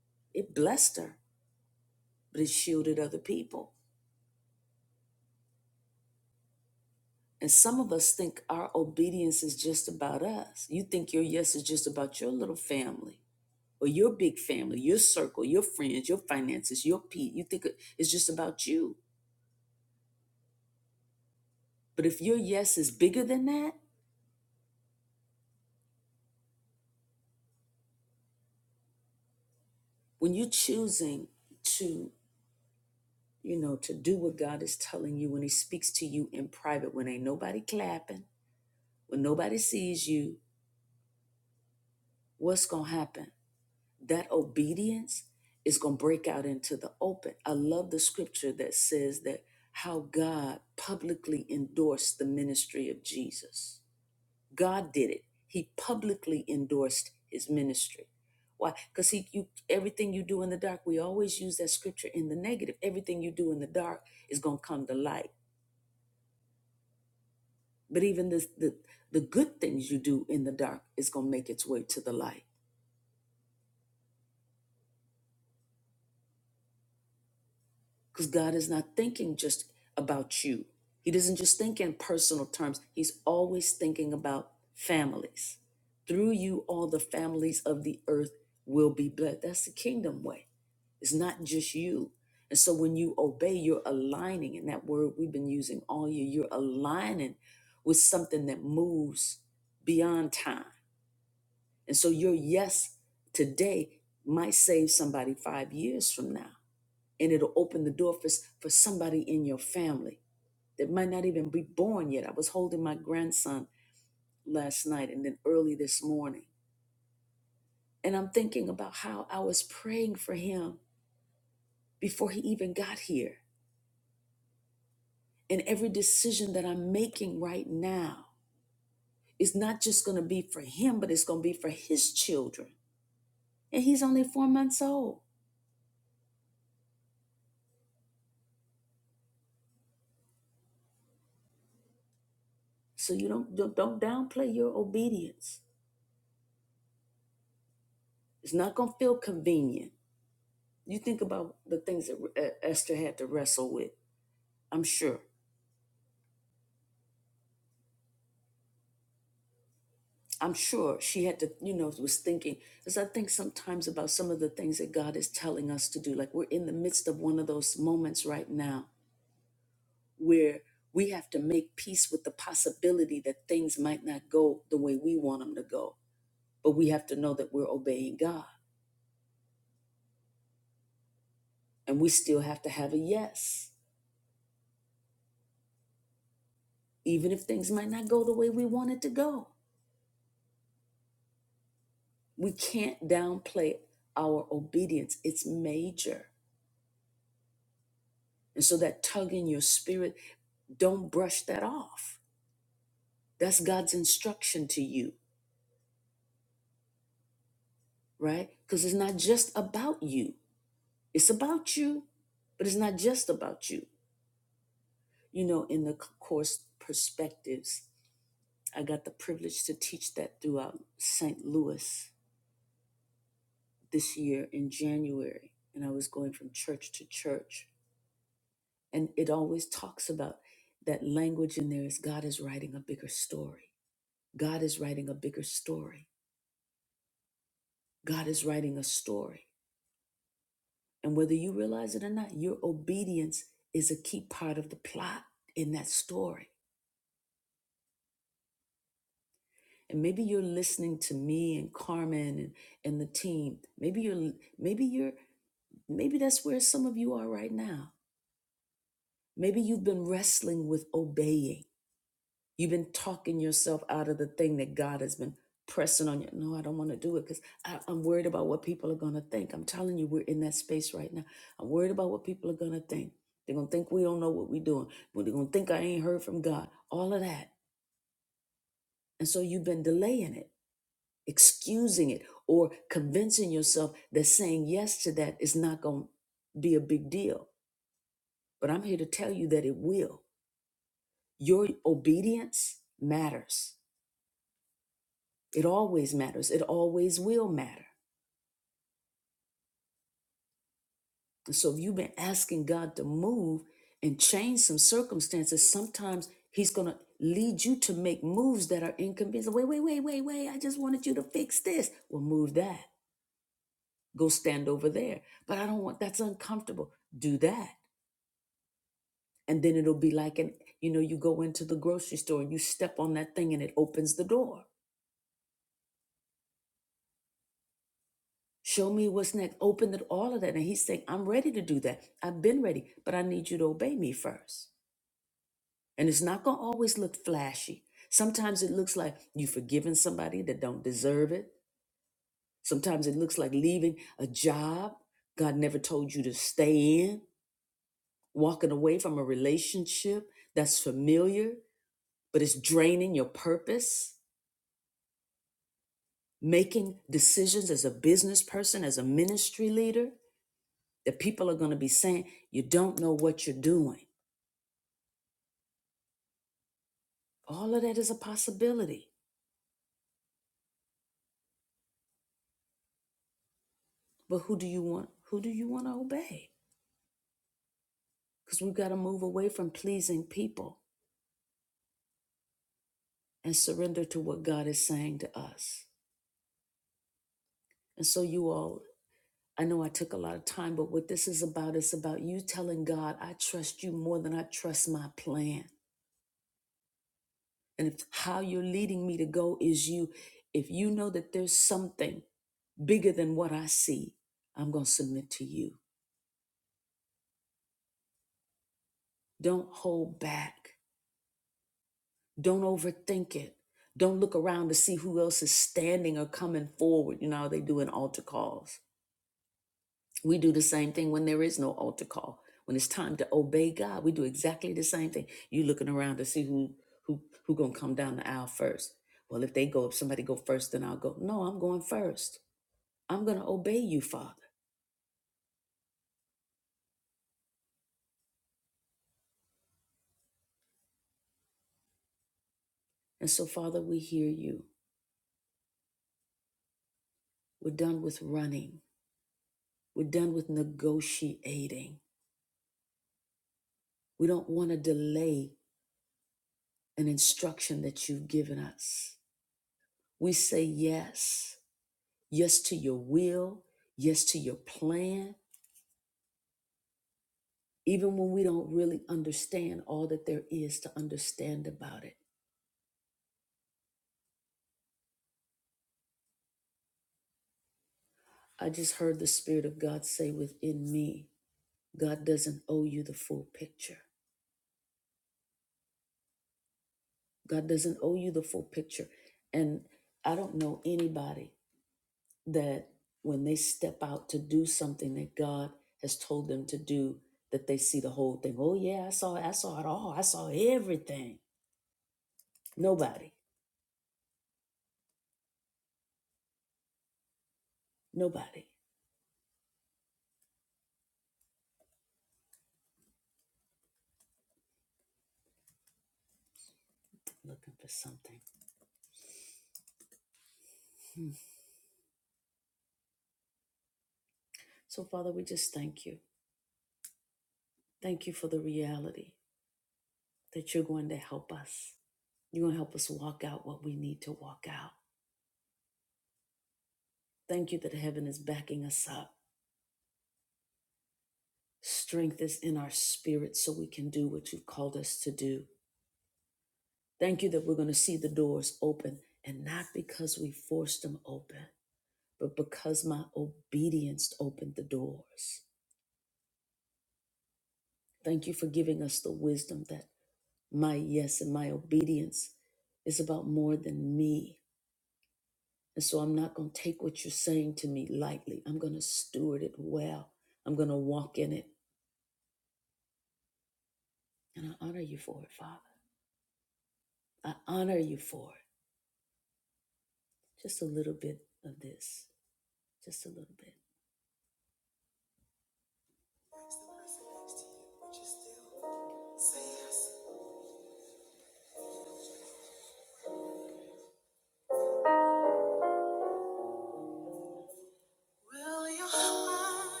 Will your heart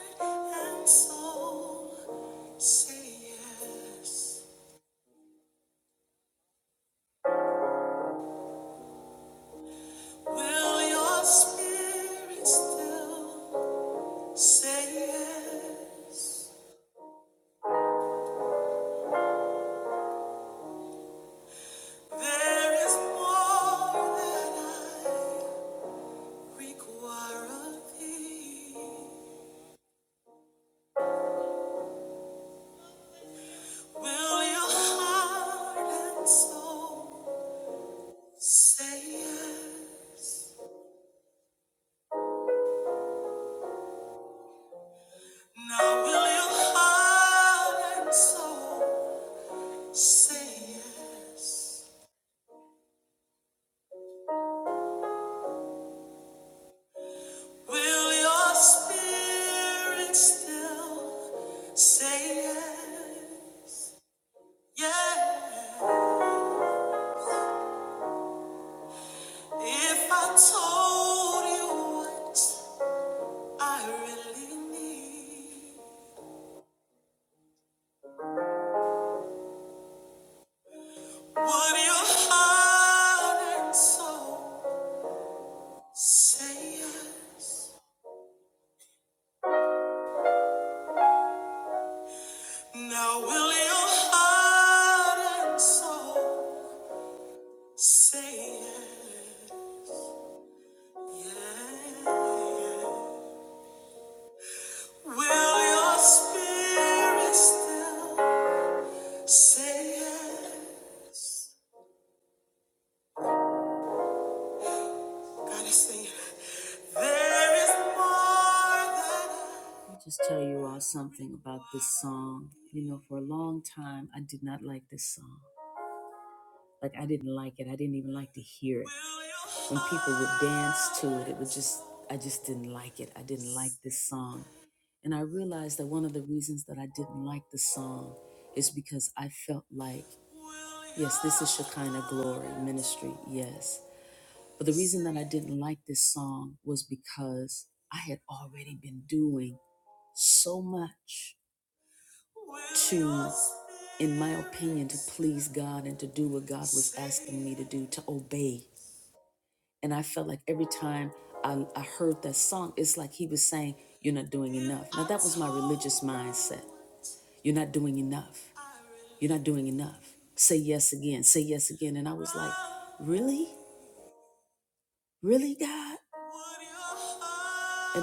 and soul Say yes. Will your spirit still say yes? There is more that I require of thee. Will your heart and soul say yes? Now will your heart and soul say yes? Will your spirit still say yes? Yeah. If I told you what I really need, would your heart and soul say yes? Now will your heart and soul say yes? Yeah. Will your spirit still? Say yes. Gotta sing. There is more than will you, will you, will, would you find?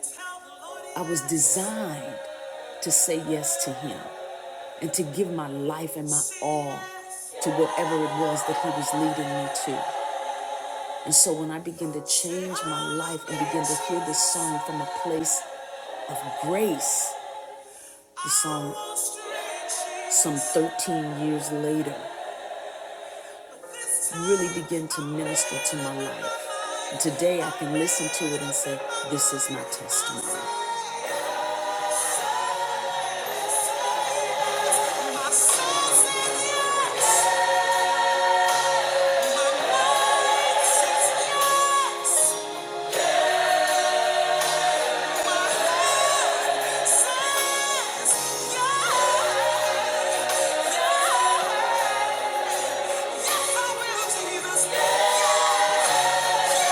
Tell the Lord you're stretching. But this time, say yes. My soul says yes. My mind says yes. My heart says yes. Yes. I will Jesus. Yes. yes.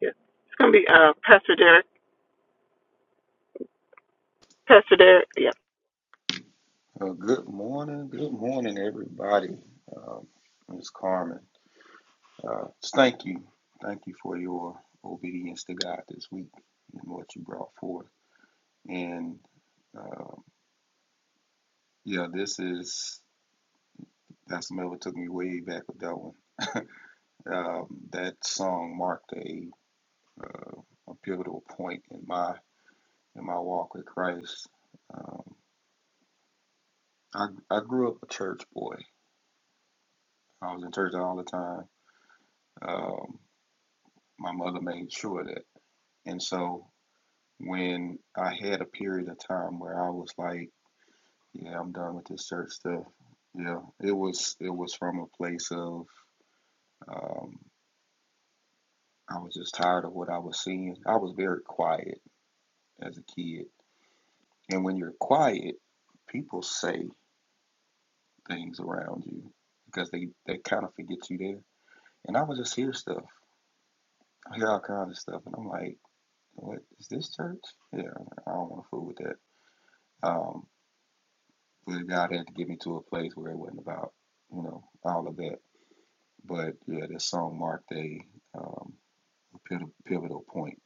It's going to be uh, Pastor Derek. Pastor Derek. Yeah.
Well, good morning, good morning, everybody. Um, Ms. Carmen, uh, thank you, thank you for your obedience to God this week and what you brought forth. And um, yeah, this is that's Miller took me way back with that one. Um, that song marked a, uh, a pivotal point in my in my walk with Christ. Um, I I grew up a church boy. I was in church all the time. Um, my mother made sure that. And so when I had a period of time where I was like, yeah, I'm done with this church stuff. Yeah, it was it was from a place of um, I was just tired of what I was seeing. I was very quiet as a kid, and when you're quiet, people say things around you because they they kind of forget you there. And I would just hear stuff, I hear all kinds of stuff, and I'm like, what is this church? Yeah, I don't want to fool with that. Um, But God had to get me to a place where it wasn't about, you know, all of that. But yeah, this song marked a um, pivotal, point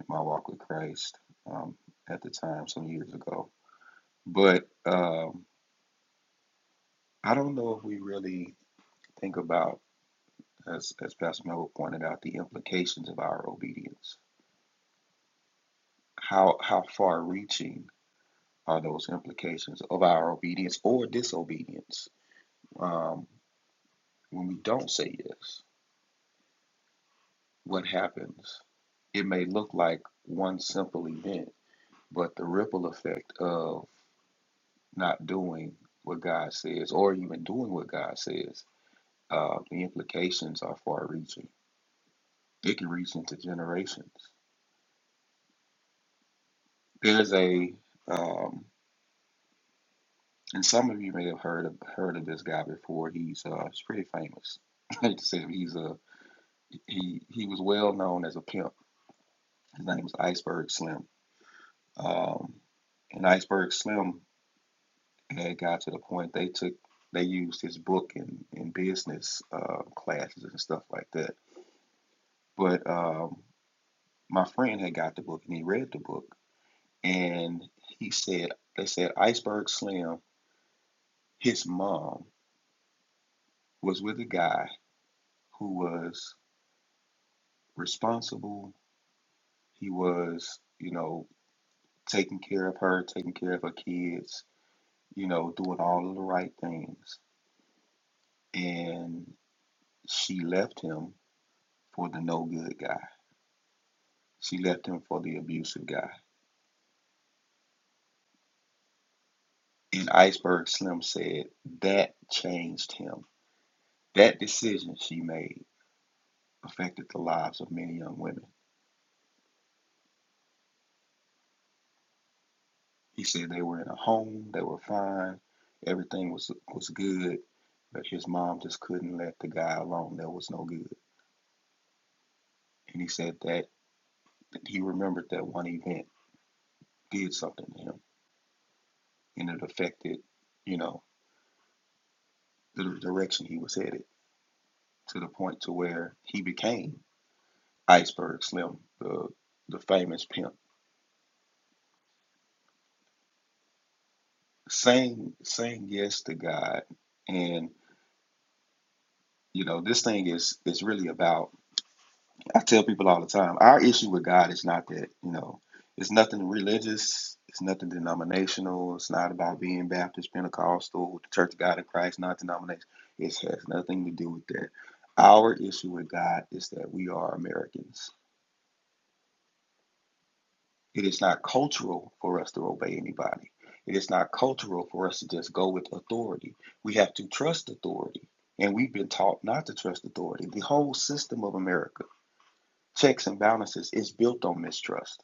in my walk with Christ um, at the time, some years ago. But um, I don't know if we really think about, as, as Pastor Mel pointed out, the implications of our obedience. How how far reaching are those implications of our obedience or disobedience um, when we don't say yes? what happens. It may look like one simple event, but the ripple effect of not doing what God says or even doing what God says, uh, the implications are far reaching. It can reach into generations. There's a, um, and some of you may have heard of, heard of this guy before. He's, uh, he's pretty famous. (laughs) I hate to say it, he's a, he, he was well known as a pimp. His name was Iceberg Slim. Um, and Iceberg Slim And it got to the point they took they used his book in in business uh, classes and stuff like that. But um, my friend had got the book and he read the book and he said they said Iceberg Slim, his mom was with a guy who was responsible. He was you know taking care of her, taking care of her kids, you know doing all of the right things, and she left him for the no good guy She left him for the abusive guy. And Iceberg Slim said that changed him. That decision she made affected the lives of many young women. He said they were in a home, they were fine, everything was was good, but his mom just couldn't let the guy alone. There was no good. And he said that he remembered that one event did something to him and it affected, you know, the direction he was headed to the point to where he became Iceberg Slim, the the famous pimp, saying saying yes to God, and you know this thing is is really about. I tell people all the time, our issue with God is not that you know it's nothing religious, it's nothing denominational, it's not about being Baptist, Pentecostal, the Church of God in Christ, not denomination. It has nothing to do with that. Our issue with God is that we are Americans It is not cultural for us to obey anybody. It is not cultural for us to just go with authority. We have to trust authority. And we've been taught not to trust authority. The whole system of America, checks and balances, is built on mistrust.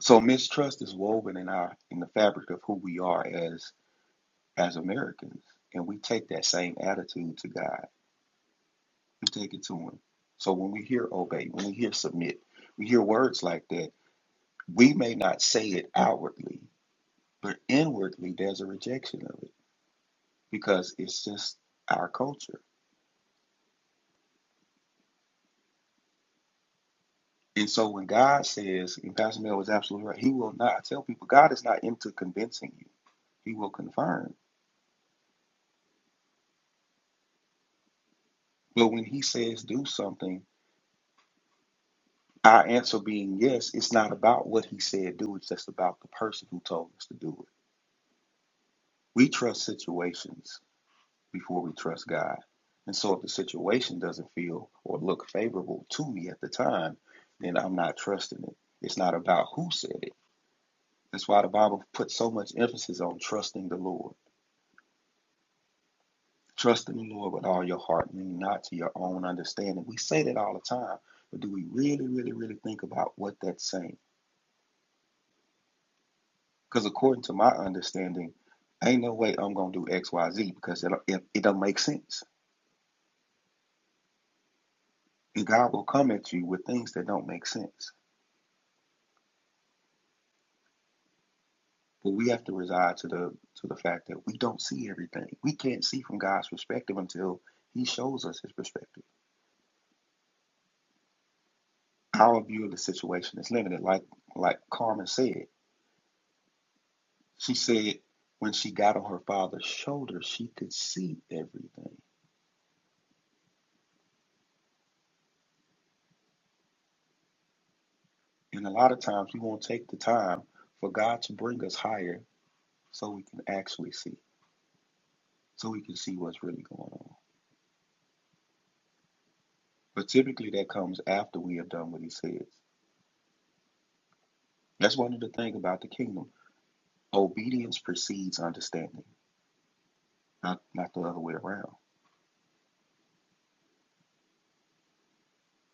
So mistrust is woven in our in the fabric of who we are as as Americans. And we take that same attitude to God. We take it to him. So when we hear obey, when we hear submit, we hear words like that, we may not say it outwardly, But inwardly, there's a rejection of it because it's just our culture. And so when God says, and Pastor Mel was absolutely right, he will not tell people, God is not into convincing you, he will confirm. But when he says do something, our answer being yes, it's not about what he said do, it's just about the person who told us to do it. We trust situations before we trust God. And so if the situation doesn't feel or look favorable to me at the time, then I'm not trusting it. It's not about who said it That's why the Bible puts so much emphasis on trusting the Lord. Trust in the Lord with all your heart, meaning not to your own understanding. We say that all the time, but do we really, really, really think about what that's saying? Because according to my understanding, ain't no way I'm gonna do X, Y, Z because it it, it don't make sense. And God will come at you with things that don't make sense. But we have to reside to the to the fact that we don't see everything. We can't see from God's perspective until He shows us His perspective. Our view of the situation is limited, like like Carmen said. She said when she got on her father's shoulder, she could see everything. And a lot of times we won't take the time for God to bring us higher so we can actually see, so we can see what's really going on. But typically that comes after we have done what he says. That's one of the things about the kingdom. Obedience precedes understanding, not not the other way around.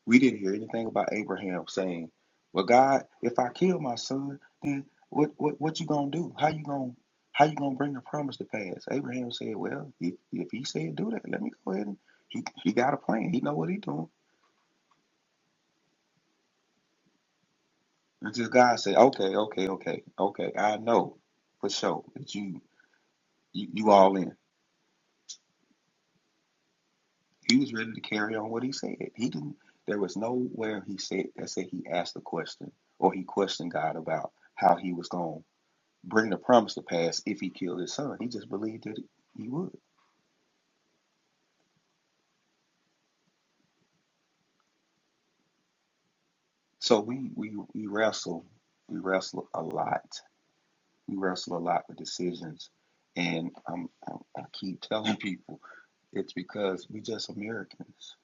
We didn't hear anything about Abraham saying, "Well, God, if I kill my son, then what what what you gonna do? How you gonna how you gonna bring the promise to pass?" Abraham said, "Well, if, if he said do that, let me go ahead and he he got a plan. He know what he doing." Until God said, "Okay, okay, okay, okay, I know for sure that you you, you all in." He was ready to carry on what he said. He didn't. There was nowhere he said that said he asked a question or he questioned God about how he was going. bring the promise to pass if he killed his son. He just believed that he would. So we we, we wrestle, we wrestle a lot. We wrestle a lot with decisions, and I'm, I'm, I keep telling people it's because we just Americans.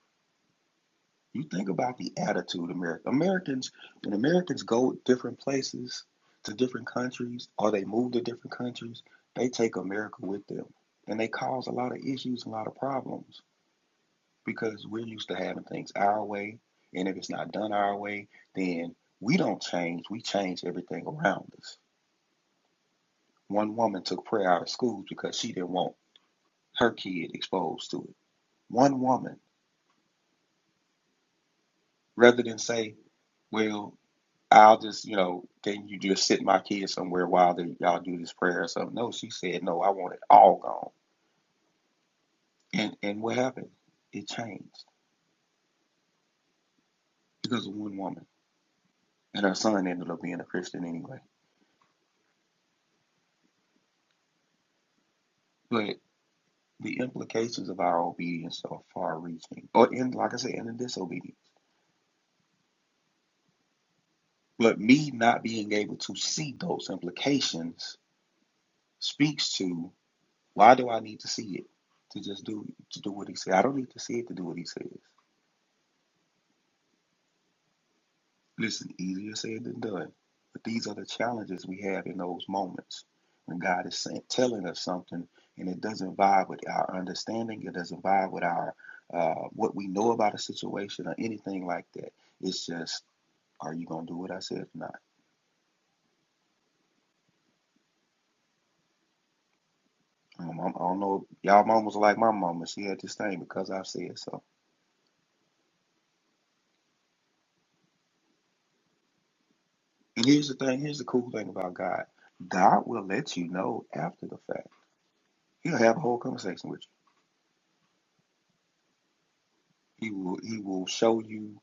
You think about the attitude of America Americans when Americans go different places to different countries or they move to different countries, they take America with them. And they cause a lot of issues, a lot of problems because we're used to having things our way. And if it's not done our way, then we don't change. We change everything around us. One woman took prayer out of schools because she didn't want her kid exposed to it. One woman, rather than say, well, I'll just, you know, can you just sit my kid somewhere while they, y'all do this prayer or something? No, she said, no, I want it all gone. And, and what happened? It changed because of one woman. And her son ended up being a Christian anyway. But. the implications of our obedience are far reaching or in like i said in the disobedience but me not being able to see those implications speaks to why do i need to see it to just do to do what he said i don't need to see it to do what he says listen easier said than done but these are the challenges we have in those moments when god is saying, telling us something and it doesn't vibe with our understanding it doesn't vibe with our uh, what we know about a situation or anything like that it's just Are you gonna do what I said or not? Um, I'm, I do not know. Y'all mamas like my mama. She had this thing because I said so. And here's the thing. Here's the cool thing about God. God will let you know after the fact. He'll have a whole conversation with you. He will. He will show you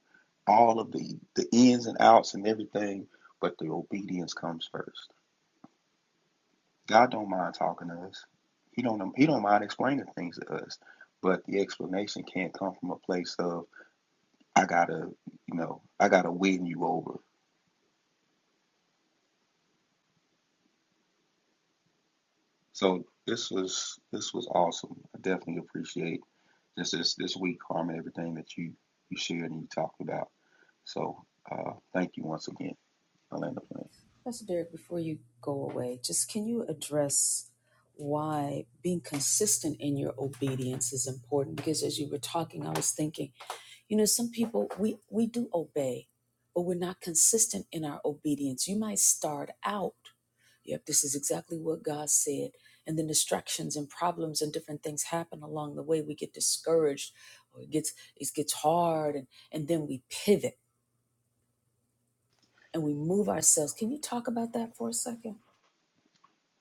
all of the the ins and outs and everything. But the obedience comes first. God don't mind talking to us. He don't. He don't mind explaining things to us. But the explanation can't come from a place of I gotta, you know, I gotta win you over So this was this was awesome. I definitely appreciate this this this week, Carmen, everything that you you shared and you talked about. So uh, thank you once again. I land the plane.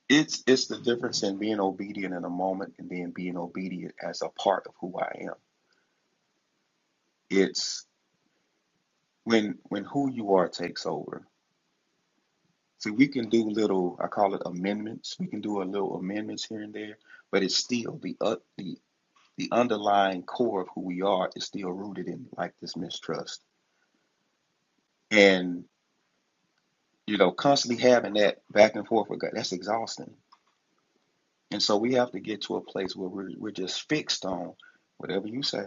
It's it's the difference in being obedient in a moment and then being obedient as a part of who I am. It's when when who you are takes over. See, we can do little I call it amendments. We can do a little amendments here and there, but it's still the uh, the the underlying core of who we are is still rooted in like this mistrust and you know constantly having that back and forth with god that's exhausting and so we have to get to a place where we're, we're just fixed on whatever you say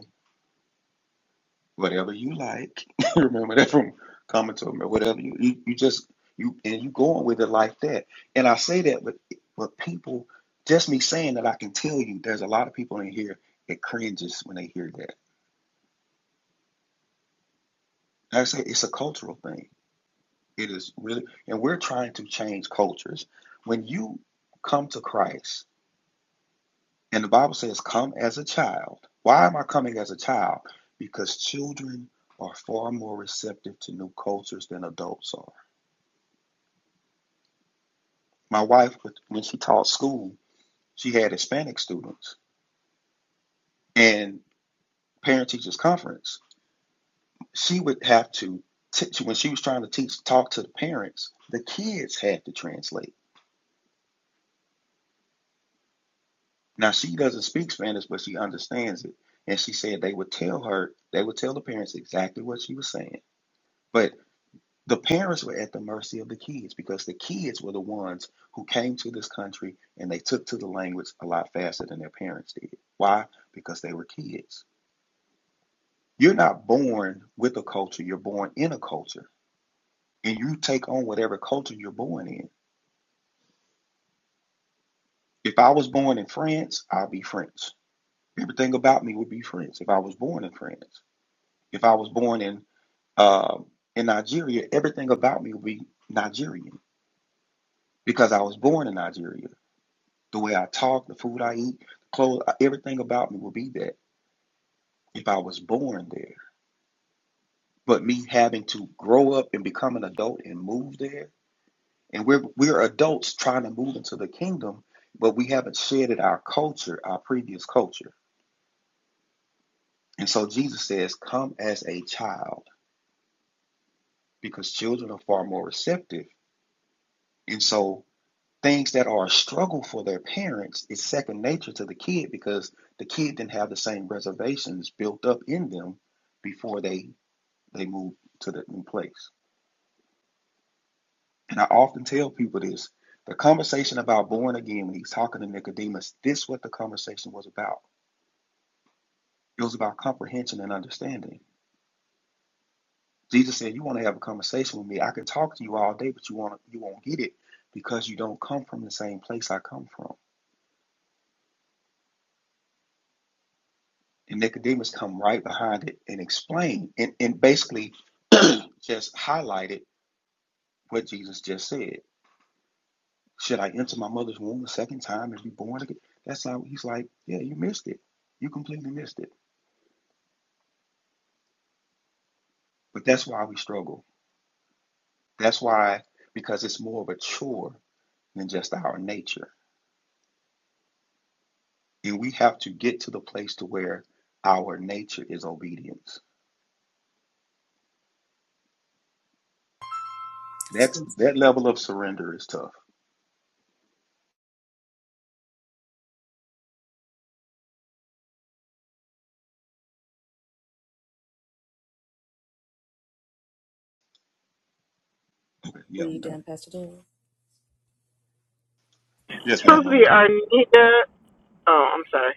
whatever you like (laughs) remember that from coming to me whatever you, you you just you and you going with it like that and i say that but but people just me saying that i can tell you there's a lot of people in here that cringes when they hear that And i say it's a cultural thing it is really and we're trying to change cultures when you come to christ And the Bible says, Come as a child. Why am I coming as a child? Because children are far more receptive to new cultures than adults are. My wife, when she taught school, she had Hispanic students and parent teachers conference. She would have to, teach when she was trying to teach, talk to the parents, the kids had to translate. Now, she doesn't speak Spanish, but she understands it. And she said they would tell her, they would tell the parents exactly what she was saying. But The parents were at the mercy of the kids because the kids were the ones who came to this country and they took to the language a lot faster than their parents did. Why? Because they were kids. You're not born with a culture, you're born in a culture. And you take on whatever culture you're born in. If I was born in France, I'll be French. Everything about me would be French if I was born in France. If I was born in uh, in Nigeria, everything about me would be Nigerian because I was born in Nigeria. The way I talk, the food I eat, clothes, everything about me will be that if I was born there. But me having to grow up and become an adult and move there, and we're we're adults trying to move into the kingdom, but we haven't shedded our culture, our previous culture. And so Jesus says, "Come as a child," because children are far more receptive. And so things that are a struggle for their parents is second nature to the kid because the kid didn't have the same reservations built up in them before they they move to the new place. And I often tell people this the conversation about born again, when he's talking to Nicodemus, this is what the conversation was about. It was about comprehension and understanding. Jesus said, You want to have a conversation with me, I can talk to you all day, but you want you won't get it because you don't come from the same place I come from. And Nicodemus come right behind it and explain and, and basically just highlighted what Jesus just said. Should I enter my mother's womb a second time and be born again? That's how he's like, yeah, you missed it. You completely missed it. But that's why we struggle. That's why, because it's more of a chore than just our nature. And we have to get to the place to where our nature is obedience. That's that level of surrender is tough. Yeah, I'm done. Yes, ma'am,
Supposed to
I'm
be
done.
Arnita. Oh, I'm sorry.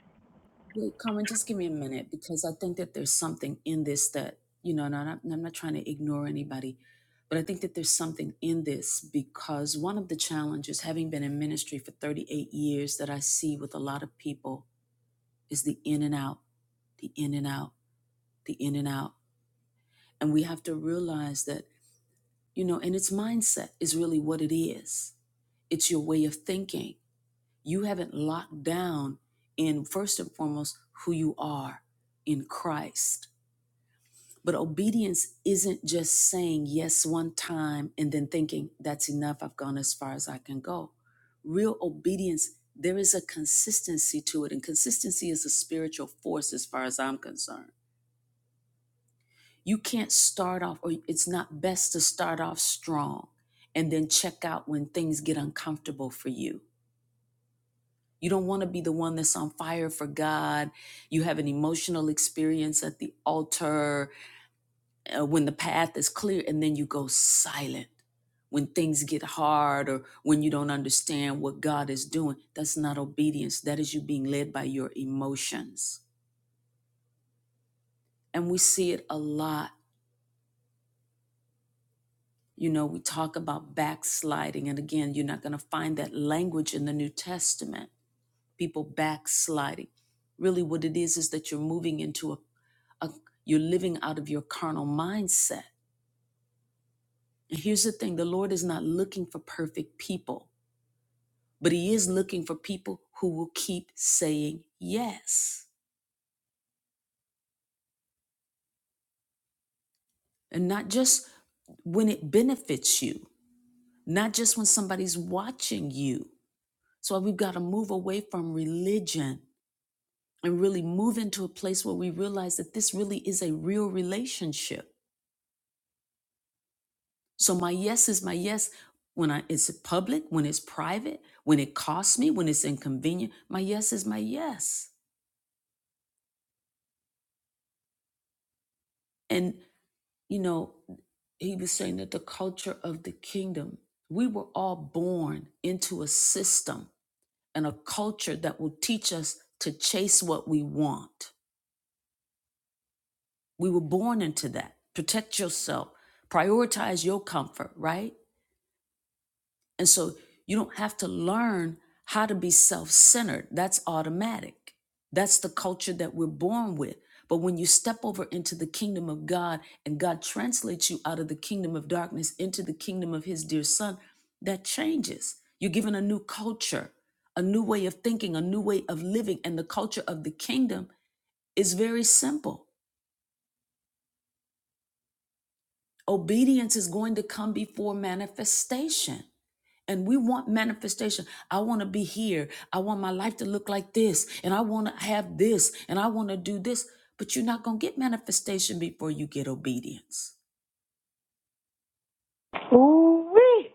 Ooh-wee.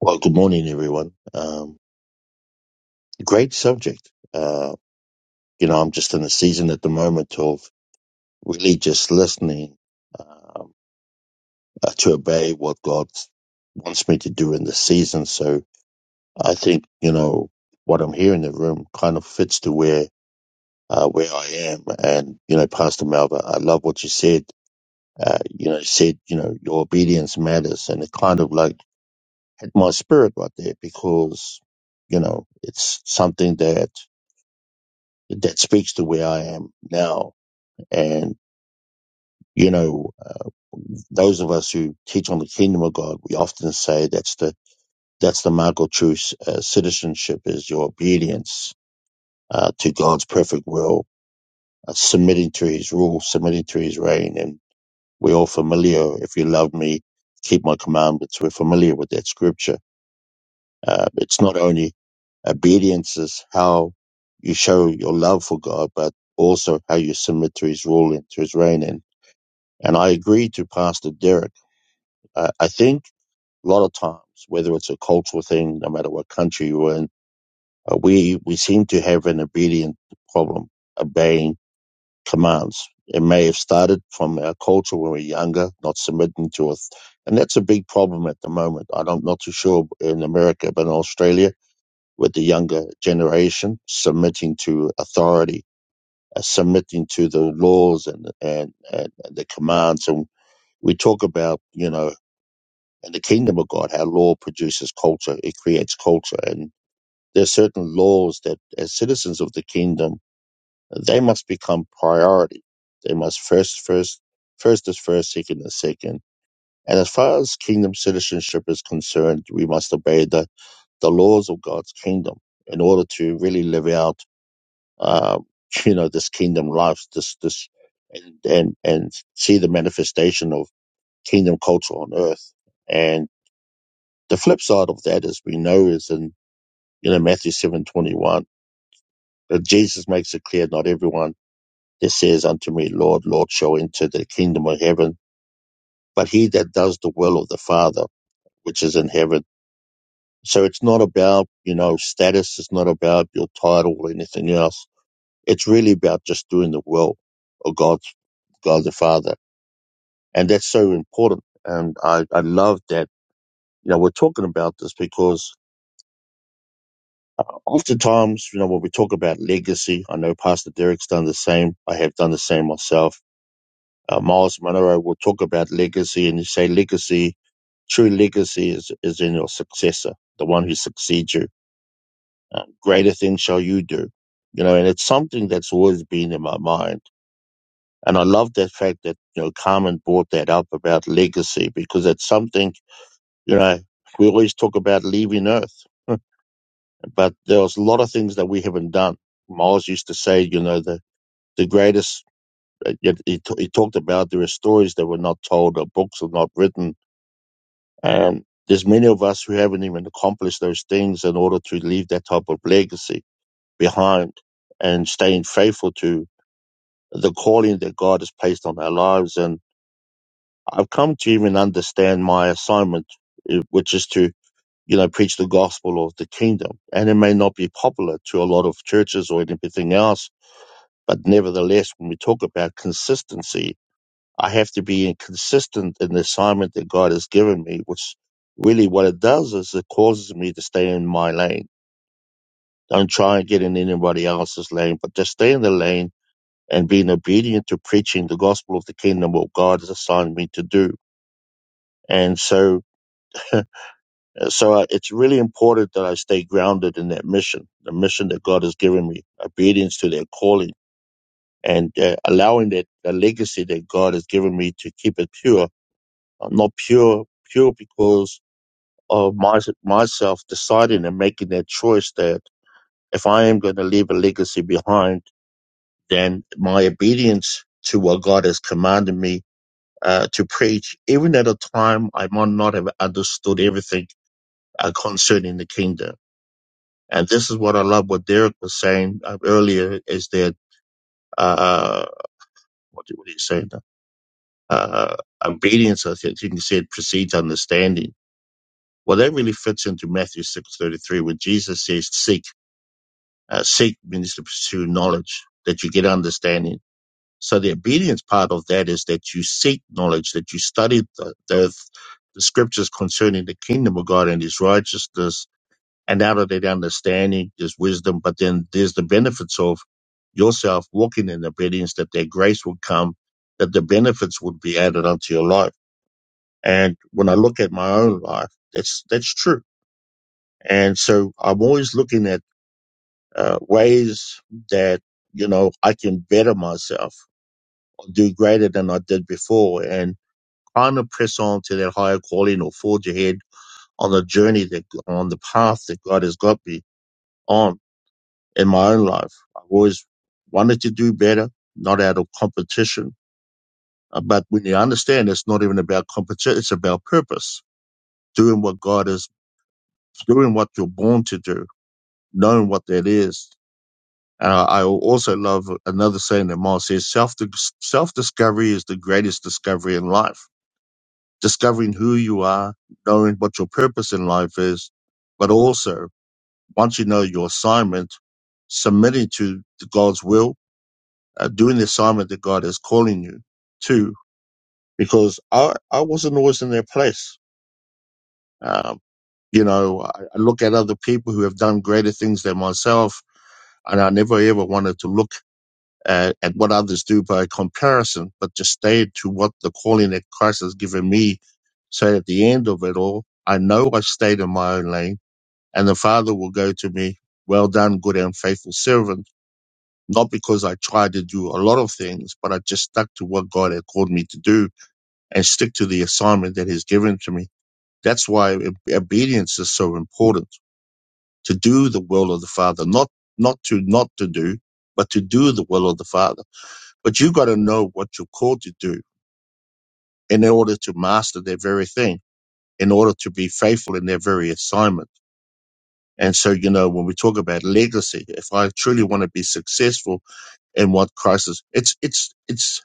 Well, good morning, everyone. Um, great subject. Uh, you know, I'm just in a season at the moment of really just listening um, uh, to obey what God wants me to do in this season. So I think you know what I'm hearing in the room kind of fits to where uh, where I am. And you know, Pastor Malva, I love what you said. Uh, you know, you said you know your obedience matters, and it kind of like hit my spirit right there because you know it's something that. that speaks to where I am now. And, you know, uh, those of us who teach on the kingdom of God, we often say that's the, that's the mark of true uh, citizenship is your obedience uh, to God's perfect will, uh, submitting to his rule, submitting to his reign. And we're all familiar. If you love me, keep my commandments. We're familiar with that scripture. Uh, it's not only obedience is how you show your love for God, but also how you submit to his rule and to his reign. And And I agree to Pastor Derek. I, I think a lot of times, whether it's a cultural thing, no matter what country you're in, uh, we, we seem to have an obedient problem, obeying commands. It may have started from our culture when we were younger, not submitting to it. And that's a big problem at the moment. I don't- I'm not too sure in America, but in Australia, with the younger generation submitting to authority, uh, submitting to the laws and, and, and the commands and we talk about, you know, And the kingdom of God, how law produces culture, it creates culture. And there are certain laws that, as citizens of the kingdom, they must become priority. They must first, first, first is first, second is second. And as far as kingdom citizenship is concerned, we must obey the, the laws of God's kingdom in order to really live out, uh, (laughs) you know, this kingdom life, this, this, and, and, and see the manifestation of kingdom culture on earth. And The flip side of that, as we know is in you know Matthew seven twenty one that Jesus makes it clear not everyone that says unto me, Lord, Lord, shall enter the kingdom of heaven, but he that does the will of the Father which is in heaven. So it's not about, you know, status, it's not about your title or anything else. It's really about just doing the will of God God the Father. And that's so important. And I, I love that, you know, we're talking about this because Oftentimes, you know, when we talk about legacy, I know Pastor Derek's done the same. I have done the same myself. Uh, Miles Monroe will talk about legacy and you say legacy, true legacy is, is in your successor, the one who succeeds you. Uh, greater things shall you do. You know, and it's something that's always been in my mind. And I love that fact that, you know, Carmen brought that up about legacy because it's something, you know, we always talk about leaving Earth, but there's a lot of things that we haven't done. Miles used to say, you know, that the greatest. uh, yet He, t- he talked about there are stories that were not told, or books are not written, and there's many of us who haven't even accomplished those things in order to leave that type of legacy behind and staying faithful to the calling that God has placed on our lives. And I've come to even understand my assignment, eh, which is to you know preach the gospel of the kingdom. And it may not be popular to a lot of churches or anything else, but nevertheless, when we talk about consistency I have to be consistent in the assignment that God has given me, which really what it does is it causes me to stay in my lane. Don't try and get in anybody else's lane, but just stay in the lane and being obedient to preaching the gospel of the kingdom, what God has assigned me to do. And so, (laughs) so it's really important that I stay grounded in that mission, the mission that God has given me, obedience to that calling and uh, allowing that the legacy that God has given me to keep it pure, Uh, not pure, pure because of my, myself deciding and making that choice that if I am going to leave a legacy behind, then my obedience to what God has commanded me uh, to preach, even at a time I might not have understood everything uh, concerning the kingdom. And this is what I love what Derek was saying uh, earlier is that, uh, what did what did he say? Uh, obedience, I think he said, precedes understanding. Well, that really fits into Matthew 6.33 where Jesus says, seek Uh, seek means to pursue knowledge, that you get understanding. So the obedience part of that is that you seek knowledge, that you study the, the, the scriptures concerning the kingdom of God and his righteousness. And out of that understanding, there's wisdom, but then there's the benefits of yourself walking in obedience, that their grace would come, that the benefits would be added unto your life. And when I look at my own life, that's, that's true. And so I'm always looking at uh, ways that you know I can better myself, do greater than I did before, and kind of press on to that higher calling or forge ahead on the journey that on the path that God has got me on in my own life. I've always wanted to do better, not out of competition. Uh, But when you understand, it's not even about competition; it's about purpose, doing what God is, doing what you're born to do, knowing what that is, Uh, I also love another saying that Mars says self self discovery is the greatest discovery in life. Discovering who you are, knowing what your purpose in life is, but also once you know your assignment, submitting to God's will, uh, doing the assignment that God is calling you to. Because I I wasn't always in their place. Um, you know, I, I look at other people who have done greater things than myself, and I never ever wanted to look uh, at what others do by comparison, but just stay to what the calling that Christ has given me. So at the end of it all, I know I stayed in my own lane and the Father will go to me, well done, good and faithful servant. Not because I tried to do a lot of things, but I just stuck to what God had called me to do and stick to the assignment that He's given to me. That's why ob- obedience is so important to do the will of the Father, not, not to not to do, but to do the will of the Father but you got to know what you're called to do in order to master that very thing, in order to be faithful in their very assignment. And so, you know, when we talk about legacy, if I truly want to be successful in what Christ is, it's, it's, it's,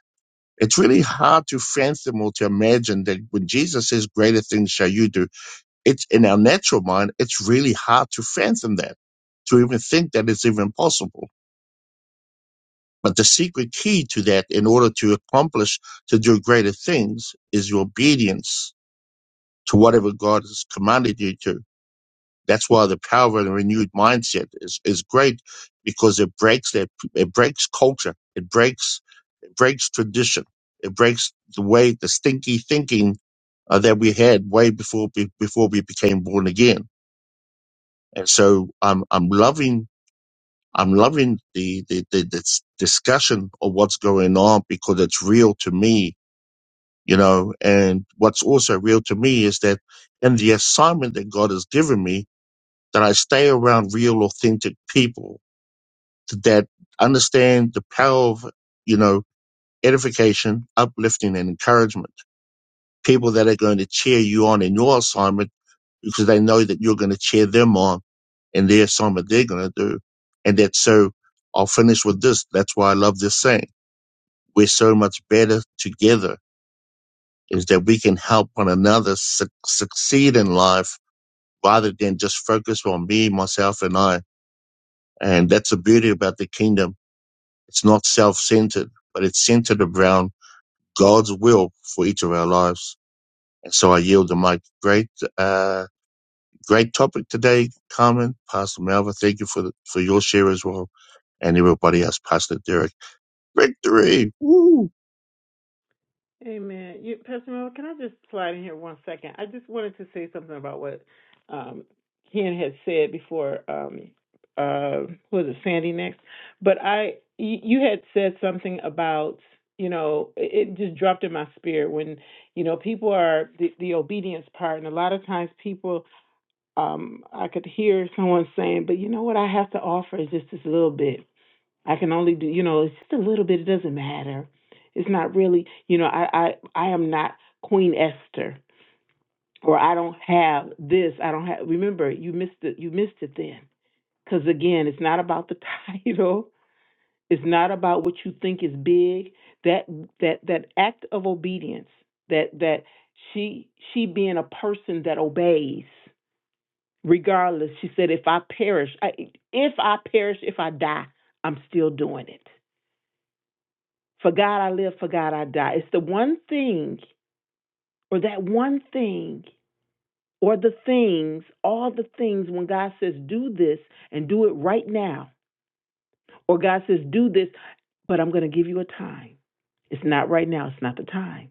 it's really hard to fathom or to imagine that when Jesus says greater things shall you do, it's in our natural mind, it's really hard to fathom that, to even think that it's even possible But the secret key to that, in order to accomplish, to do greater things, is your obedience to whatever God has commanded you to. That's why the power of the renewed mindset is, is great because it breaks that, it breaks culture. It breaks, it breaks tradition. It breaks the way, the stinky thinking uh, that we had way before, be, before we became born again. And so I'm, I'm loving I'm loving the, the, the, this discussion of what's going on because it's real to me, you know, and what's also real to me is that in the assignment that God has given me, that I stay around real, authentic people that understand the power of, you know, edification, uplifting and encouragement. People that are going to cheer you on in your assignment because they know that you're going to cheer them on in their something they're going to do. And that's so I'll finish with this. That's why I love this saying. We're so much better together is that we can help one another su- succeed in life rather than just focus on me, myself and I. And that's the beauty about the kingdom. It's not self-centered, but it's centered around God's will for each of our lives. And so I yield the mic. Great, uh Great topic today, Carmen. Pastor Malva, thank you for the, for your share as well, and everybody else, Pastor Derek. Victory!
Amen. You, Pastor Mel, can I just slide in here one second? I just wanted to say something about what um, Ken had said before. Um, uh, who was it Sandy next? But I, you, you had said something about you know it, it just dropped in my spirit when you know people are the, the obedience part, and a lot of times people, um, I could hear someone saying, but you know what I have to offer is just this little bit I can only do, you know, it's just a little bit. It doesn't matter. It's not really, you know, I, I, I am not Queen Esther, or I don't have this. I don't have. Remember, you missed it. You missed it then, because again, it's not about the (laughs) title. It's not about what you think is big. That that that act of obedience. That that she she being a person that obeys regardless. She said, if I perish, I, if I perish, if I die, I'm still doing it. For God I live, for God I die. It's the one thing, or that one thing, or the things, all the things when God says, do this and do it right now. Or God says, do this, but I'm going to give you a time. It's not right now. It's not the time.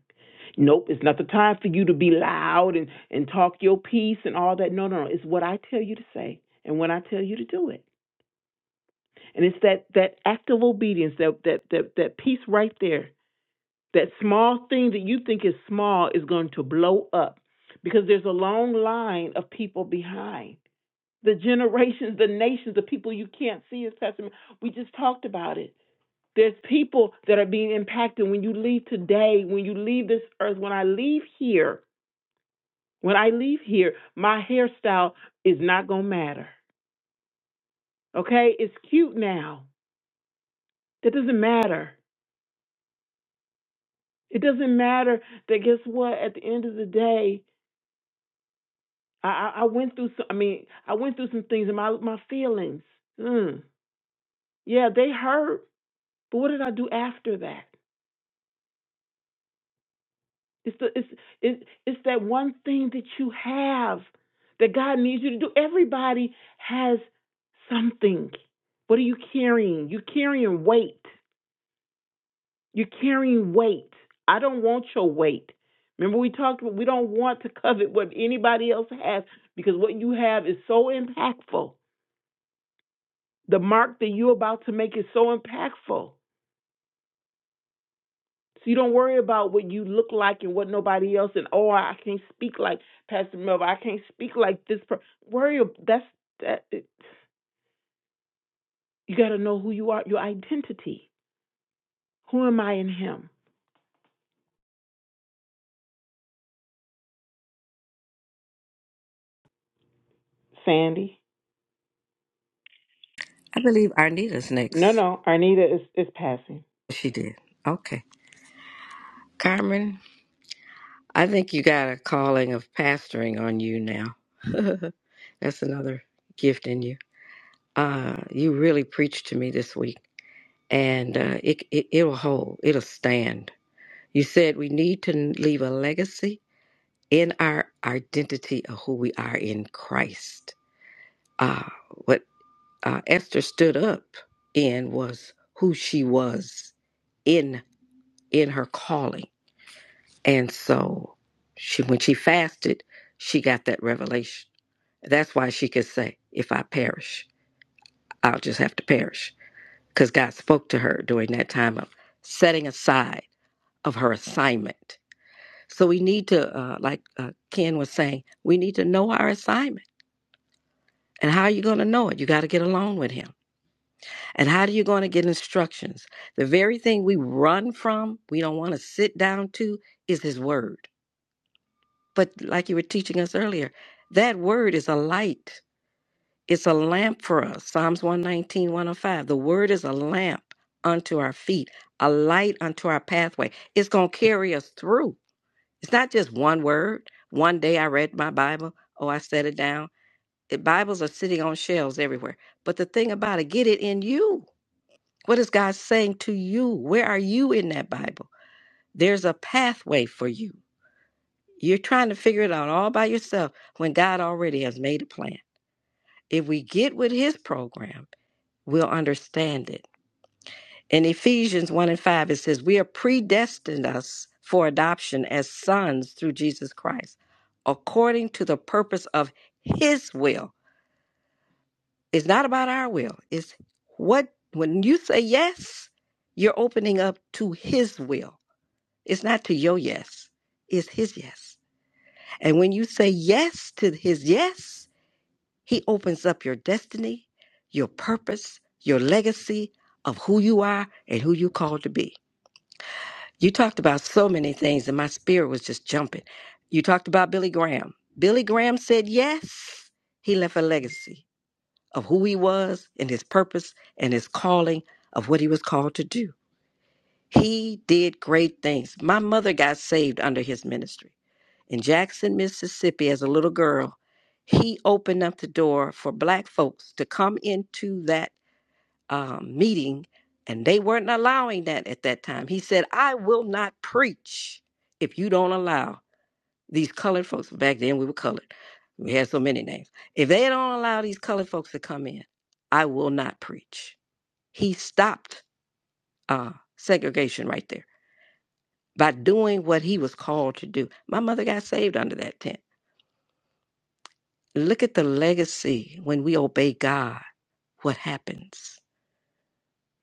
Nope, it's not the time for you to be loud and, and talk your piece and all that. No, no, no. It's what I tell you to say and when I tell you to do it. And it's that, that act of obedience, that, that, that, that piece right there That small thing that you think is small is going to blow up because there's a long line of people behind. The generations, the nations, the people you can't see as testament. We just talked about it. There's people that are being impacted when you leave today, when you leave this earth, when I leave here, when I leave here, my hairstyle is not going to matter. Okay? It's cute now. That doesn't matter. It doesn't matter that guess what? At the end of the day, I, I went through some. I mean, I went through some things in my my feelings. Mm. Yeah, they hurt. But what did I do after that? It's the it's it, it's that one thing that you have that God needs you to do. Everybody has something. What are you carrying? You're carrying weight. You're carrying weight. I don't want your weight. Remember we talked about we don't want to covet what anybody else has because what you have is so impactful. The mark that you're about to make is so impactful. So you don't worry about what you look like and what nobody else and oh I can't speak like Pastor Melvin. I can't speak like this. Per-. Worry that's that. It, you got to know who you are, your identity. Who am I in Him? Sandy.
I believe Arnita's
No,
next.
no. Arnita is is passing.
She did. Okay. Carmen, I think you got a calling of pastoring on you now. (laughs) That's another gift in you. Uh, you really preached to me this week, and uh, it, it, it'll hold, it'll stand. You said we need to leave a legacy in our identity of who we are in Christ. Uh, what uh, Esther stood up in was who she was in in her calling And so she when she fasted, she got that revelation. That's why she could say, if I perish, I'll just have to perish. Because God spoke to her during that time of setting aside of her assignment. So we need to, uh, like uh, Ken was saying, we need to know our assignment. And how are you going to know it? You got to get along with him. And how are you going to get instructions? The very thing we run from, we don't want to sit down to, is his word. But like you were teaching us earlier, that word is a light, it's a lamp for us. Psalms 119, 105. The word is a lamp unto our feet, a light unto our pathway. It's going to carry us through. It's not just one word. One day I read my Bible, oh, I set it down. The Bibles are sitting on shelves everywhere. But the thing about it, get it in you. What is God saying to you? Where are you in that Bible? There's a pathway for you. You're trying to figure it out all by yourself when God already has made a plan. If we get with his program, we'll understand it. In Ephesians 1 and 5, it says, We are predestined us for adoption as sons through Jesus Christ, according to the purpose of his will. It's not about our will. It's what, when you say yes, you're opening up to his will. It's not to your yes, it's his yes. And when you say yes to his yes, He opens up your destiny, your purpose, your legacy of who you are and who you called to be. You talked about so many things, and my spirit was just jumping. You talked about Billy Graham. Billy Graham said yes. He left a legacy of who he was and his purpose and his calling of what he was called to do. He did great things. My mother got saved under his ministry in Jackson, Mississippi, as a little girl, he opened up the door for black folks to come into that um, meeting, and they weren't allowing that at that time. He said, I will not preach if you don't allow these colored folks. Back then, we were colored, we had so many names. If they don't allow these colored folks to come in, I will not preach. He stopped uh, segregation right there by doing what he was called to do. My mother got saved under that tent look at the legacy when we obey God, what happens,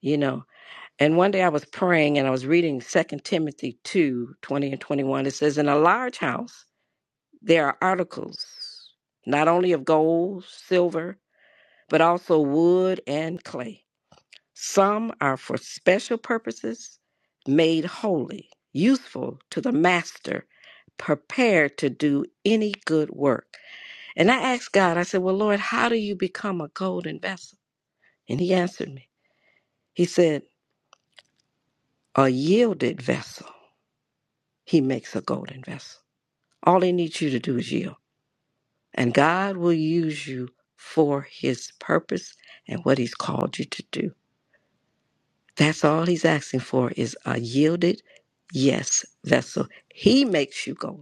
you know. And one day I was praying and I was reading Second Timothy 2 20 and 21. It says, In a large house, there are articles, not only of gold, silver, but also wood and clay. Some are for special purposes, made holy, useful to the master, prepared to do any good work. And I asked God, I said, Well, Lord, how do you become a golden vessel? And He answered me. He said, A yielded vessel, He makes a golden vessel. All He needs you to do is yield. And God will use you for His purpose and what He's called you to do. That's all He's asking for is a yielded, yes, vessel. He makes you golden.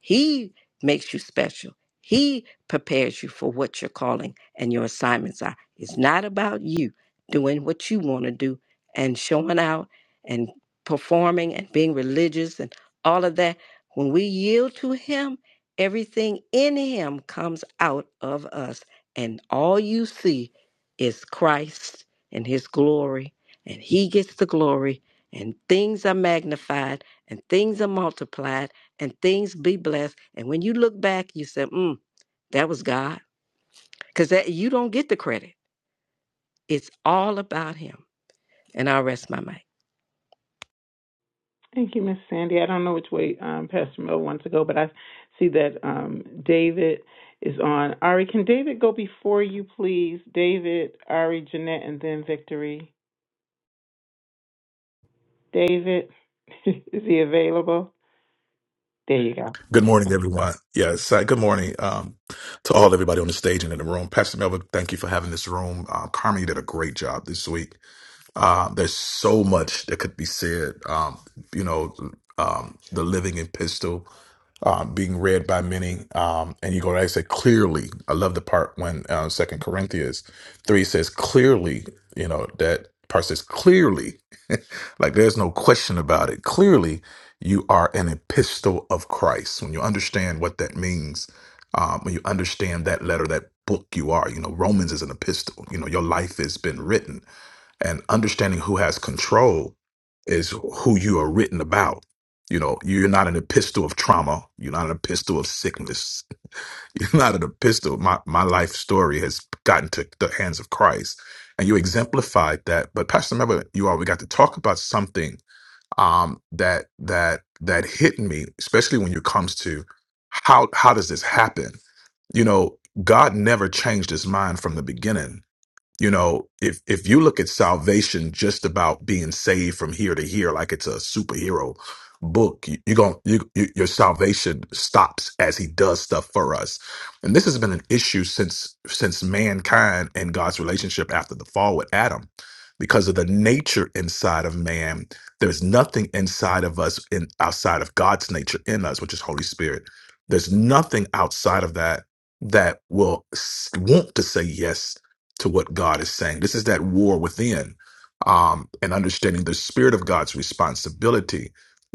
He makes you special. He prepares you for what your calling and your assignments are. It's not about you doing what you want to do and showing out and performing and being religious and all of that. When we yield to Him, everything in Him comes out of us. And all you see is Christ and His glory. And He gets the glory. And things are magnified and things are multiplied and things be blessed. And when you look back, you say, mm, that was God. Because that you don't get the credit. It's all about him. And I'll rest my mic.
Thank you, Miss Sandy. I don't know which way um, Pastor Mel wants to go, but I see that um, David is on. Ari, can David go before you, please? David, Ari, Jeanette, and then Victory. David, (laughs) is he available? There you go.
Good morning,
Okay.
everyone. Yes, uh, good morning um, to all everybody on the stage and in the room. Pastor Melvin, thank you for having this room. Uh, Carmen, you did a great job this week. Uh, there's so much that could be said. Um, you know, um, the living epistle um, being read by many, um, and you go. I said clearly. I love the part when uh, Second Corinthians three says clearly. You know that part says clearly, (laughs) like there's no question about it. Clearly, you are an epistle of Christ. When you understand what that means, um, when you understand that letter, that book you are. You know, Romans is an epistle. You know, your life has been written and understanding who has control is who you are written about. You know, you're not an epistle of trauma. You're not an epistle of sickness. (laughs) You're not an epistle. My my life story has gotten to the hands of Christ, and you exemplified that. But Pastor, remember, you all we got to talk about something um, that that that hit me, especially when it comes to how how does this happen? You know, God never changed His mind from the beginning you know, if if you look at salvation just about being saved from here to here, like it's a superhero book, you, you're going you, you, your salvation stops as He does stuff for us. And this has been an issue since since mankind and God's relationship after the fall with Adam, because of the nature inside of man. There's nothing inside of us in outside of God's nature in us, which is Holy Spirit. There's nothing outside of that that will s- want to say yes to what God is saying. This is that war within um, and understanding the spirit of God's responsibility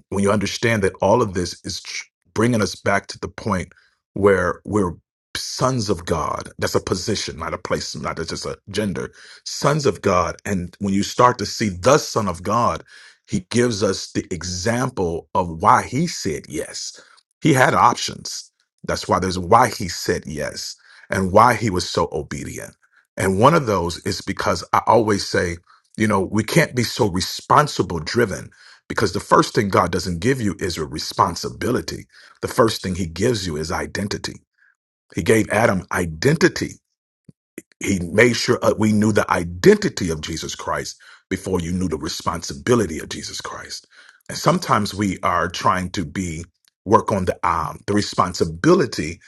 when you understand that all of this is tr- bringing us back to the point where we're sons of God. That's a position, not a place, not a- just a gender. Sons of God. And when you start to see the Son of God, he gives us the example of why he said yes. He had options. That's why there's why he said yes and why he was so obedient. And one of those is because I always say, you know, we can't be so responsible driven because the first thing God doesn't give you is a responsibility. The first thing he gives you is identity. He gave Adam identity. He made sure uh, we knew the identity of Jesus Christ before you knew the responsibility of Jesus Christ. And sometimes we are trying to be work on the um, the responsibility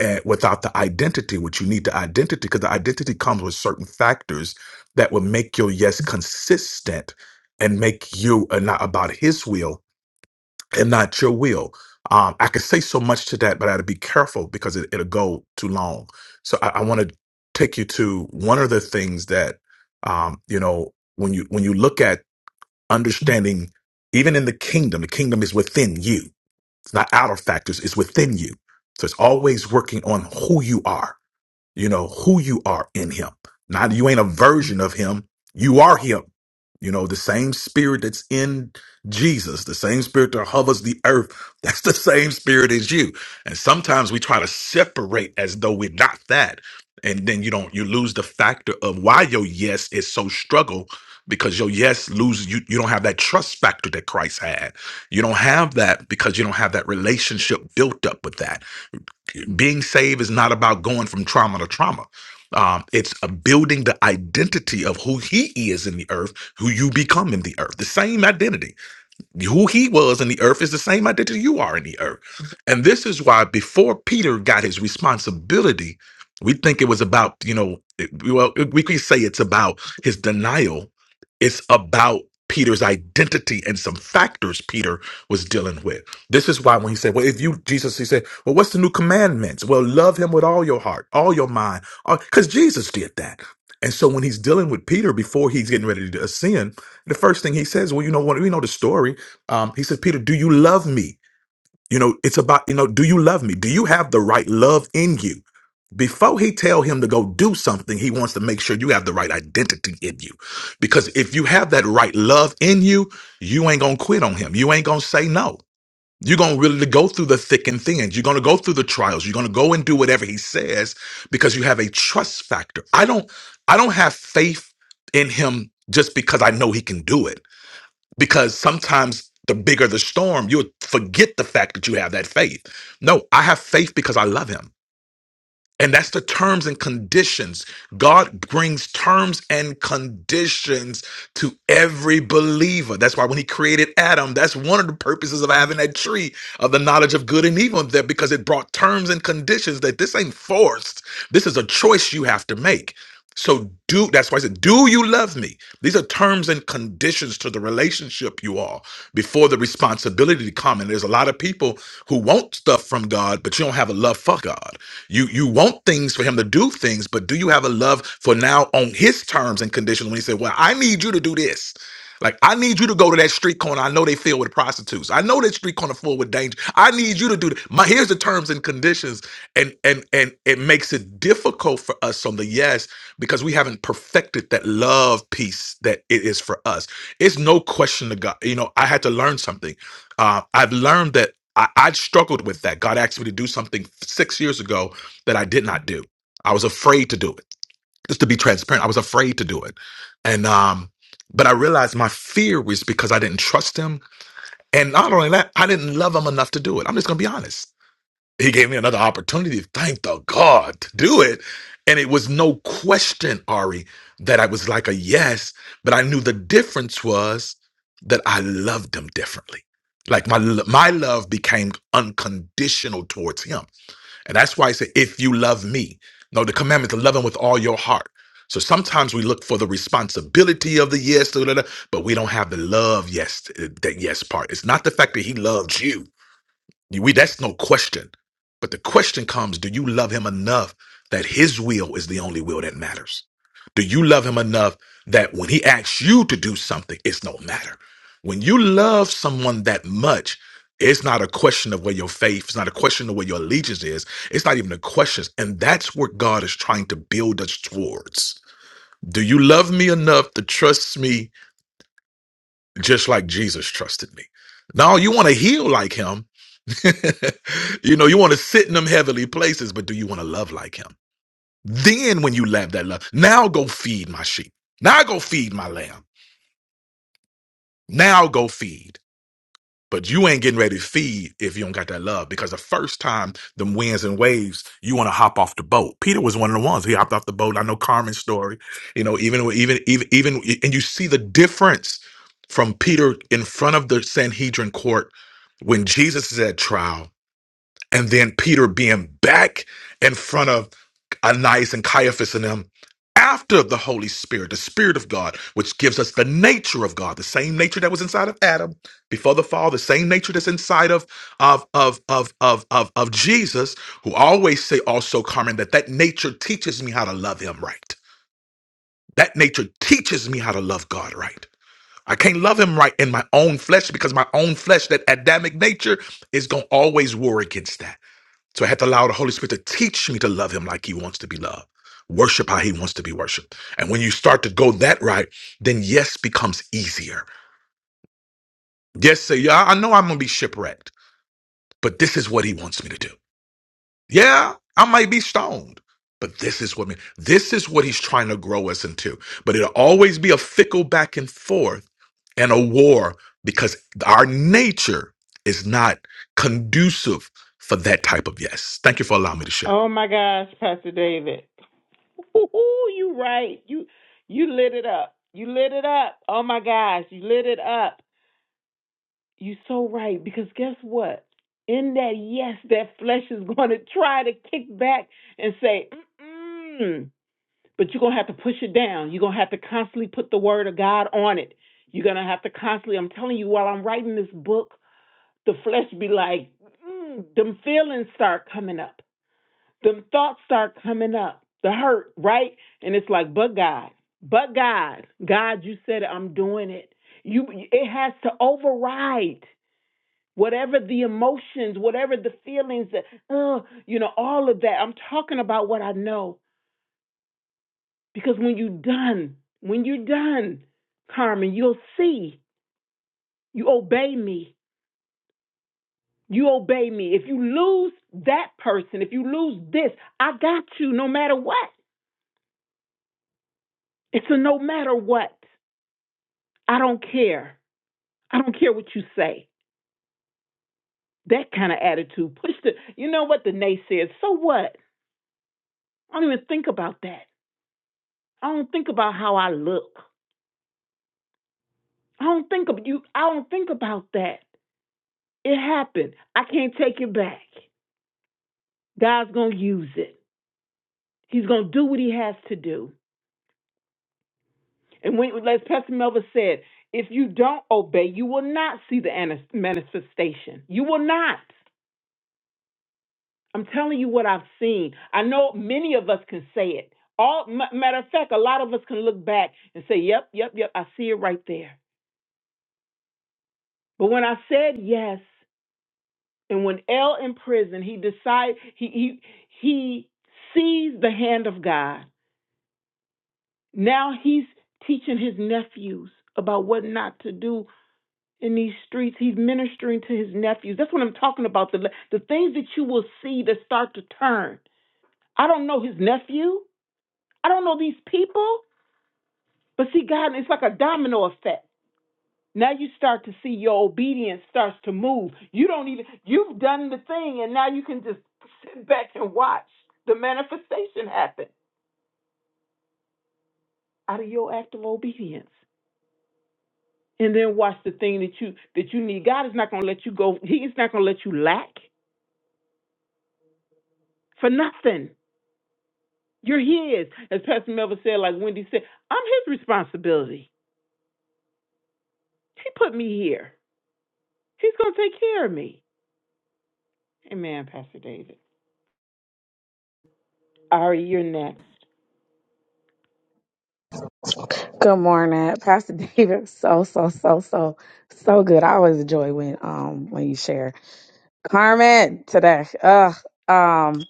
uh, without the identity, which you need the identity because the identity comes with certain factors that will make your yes consistent and make you uh, not about His will and not your will. Um, I could say so much to that, but I had to be careful because it, it'll go too long. So I, I want to take you to one of the things that um, you know when you when you look at understanding, even in the kingdom, the kingdom is within you. It's not outer factors; it's within you. So it's always working on who you are you know who you are in him not you ain't a version of him you are him you know the same spirit that's in jesus the same spirit that hovers the earth (laughs) that's the same spirit as you and sometimes we try to separate as though we're not that and then you don't you lose the factor of why your yes is so struggle because your yes lose you you don't have that trust factor that christ had you don't have that because you don't have that relationship built up with that being saved is not about going from trauma to trauma. Um, it's a building the identity of who he is in the earth, who you become in the earth, the same identity who he was in the earth is the same identity you are in the earth. And this is why before Peter got his responsibility, we think it was about, you know, it- well, we could say it's about his denial. It's about Peter's identity and some factors Peter was dealing with. This is why when he said, Well, if you, Jesus, he said, Well, what's the new commandments? Well, love him with all your heart, all your mind, because Jesus did that. And so when he's dealing with Peter before he's getting ready to ascend, the first thing he says, Well, you know what? We know the story um, he said, Peter, do you love me? You know, it's about, you know, do you love me? Do you have the right love in you? Before he tell him to go do something, he wants to make sure you have the right identity in you. Because if you have that right love in you, you ain't gonna quit on him. You ain't gonna say no. You're gonna really go through the thick and thin. You're gonna go through the trials. You're gonna go and do whatever he says because you have a trust factor. I don't I don't have faith in him just because I know he can do it because sometimes the bigger the storm, you'll forget the fact that you have that faith. No, I have faith because I love him. And that's the terms and conditions. God brings terms and conditions to every believer. That's why when he created Adam, that's one of the purposes of having that tree of the knowledge of good and evil there because it brought terms and conditions that this ain't forced. This is a choice you have to make. So do that's why I said, do you love me? These are terms and conditions to the relationship you are before the responsibility to come. And there's a lot of people who want stuff from God, but you don't have a love for God. You you want things for him to do things, but do you have a love for now on his terms and conditions when he said, Well, I need you to do this. Like, I need you to go to that street corner. I know they filled with prostitutes. I know that street corner full with danger. I need you to do th- my here's the terms and conditions. And and and it makes it difficult for us on the yes because we haven't perfected that love piece that it is for us. It's no question to God. You know, I had to learn something. Uh, I've learned that I, I struggled with that. God asked me to do something six years ago that I did not do. I was afraid to do it. Just to be transparent, I was afraid to do it. And um, but I realized my fear was because I didn't trust him. And not only that, I didn't love him enough to do it. I'm just gonna be honest. He gave me another opportunity, thank the God, to do it. And it was no question, Ari, that I was like a yes, but I knew the difference was that I loved him differently. Like my my love became unconditional towards him and that's why I say, if you love me. No, the commandment to love him with all your heart. So sometimes we look for the responsibility of the yes, da, da, da, but we don't have the love yes, eh, that yes part. It's not the fact that he loved you. We that's no question. But the question comes, do you love him enough that his will is the only will that matters? Do you love him enough that when he asks you to do something, it's no matter? When you love someone that much, it's not a question of where your faith, it's not a question of where your allegiance is. It's not even a question. And that's what God is trying to build us towards. Do you love me enough to trust me just like Jesus trusted me? Now you want to heal like him, (laughs) you know, you want to sit in them heavenly places, but do you want to love like him? Then when you love that love, now go feed my sheep. Now go feed my lamb. Now go feed. But you ain't getting ready to feed if you don't got that love. Because the first time them winds and waves, you want to hop off the boat. Peter was one of the ones. He hopped off the boat. I know Carmen's story. You know, even even even even and you see the difference from Peter in front of the Sanhedrin court when Jesus is at trial and then Peter being back in front of Ananias and Caiaphas and them after the Holy Spirit, the Spirit of God, which gives us the nature of God, the same nature that was inside of Adam before the fall, the same nature that's inside of of of of of of, of Jesus, who always say also, Carmen, that that nature teaches me how to love Him right. That nature teaches me how to love God right. I can't love him right in my own flesh because my own flesh, that Adamic nature, is going to always war against that. So I had to allow the Holy Spirit to teach me to love him like he wants to be loved, worship how he wants to be worshiped. And when you start to go that right, then yes becomes easier. Yes, say, yeah, I know I'm going to be shipwrecked, but this is what he wants me to do. Yeah, I might be stoned, but this is what me, this is what he's trying to grow us into. But it'll always be a fickle back and forth and a war because our nature is not conducive for that type of yes. Thank you for allowing me to share.
Oh my gosh, Pastor David. Ooh, you right. You you lit it up. You lit it up. Oh my gosh, you lit it up. You so right because guess what? In that yes, that flesh is (laughs) going to try to kick back and say, mm but you're going to have to push it down. You're going to have to constantly put the word of God on it. You're going to have to constantly, I'm telling you, while I'm writing this book, the flesh be like, mm, them feelings start coming up, them thoughts start coming up, the hurt, right? And it's like, but God, but God, God, you said I'm doing it. You, it has to override whatever the emotions, whatever the feelings that, uh, you know, all of that. I'm talking about what I know because when you're done, when you're done, Carmen, you'll see you obey me You obey me. If you lose that person, if you lose this, I got you no matter what. It's a no matter what. I don't care. I don't care what you say. That kind of attitude. Push the, you know what the naysayers, so what? I don't even think about that. I don't think about how I look. I don't think of you. I don't think about that. It happened. I can't take it back. God's going to use it. He's going to do what he has to do. And when, as Pastor Melva said, if you don't obey, you will not see the anis- manifestation. You will not. I'm telling you what I've seen. I know many of us can say it. All ma- matter of fact, a lot of us can look back and say, "Yep, yep, yep, I see it right there." But when I said yes, and when L in prison, he decide he he he sees the hand of God. Now he's teaching his nephews about what not to do in these streets. He's ministering to his nephews. That's what I'm talking about. The the things that you will see that start to turn. I don't know his nephew. I don't know these people. But see, God, it's like a domino effect. Now you start to see your obedience starts to move. You don't even you've done the thing, and now you can just sit back and watch the manifestation happen out of your act of obedience. And then watch the thing that you that you need. God is not gonna let you go. He is not gonna let you lack for nothing. You're his. As Pastor Melvin said, like Wendy said, I'm his responsibility. He put me here. He's gonna take care of me. Amen, Pastor David. Ari, you're next.
Good morning, Pastor (laughs) David. So so so so so good. I always enjoy when um when you share Carmen today. Ugh. Um.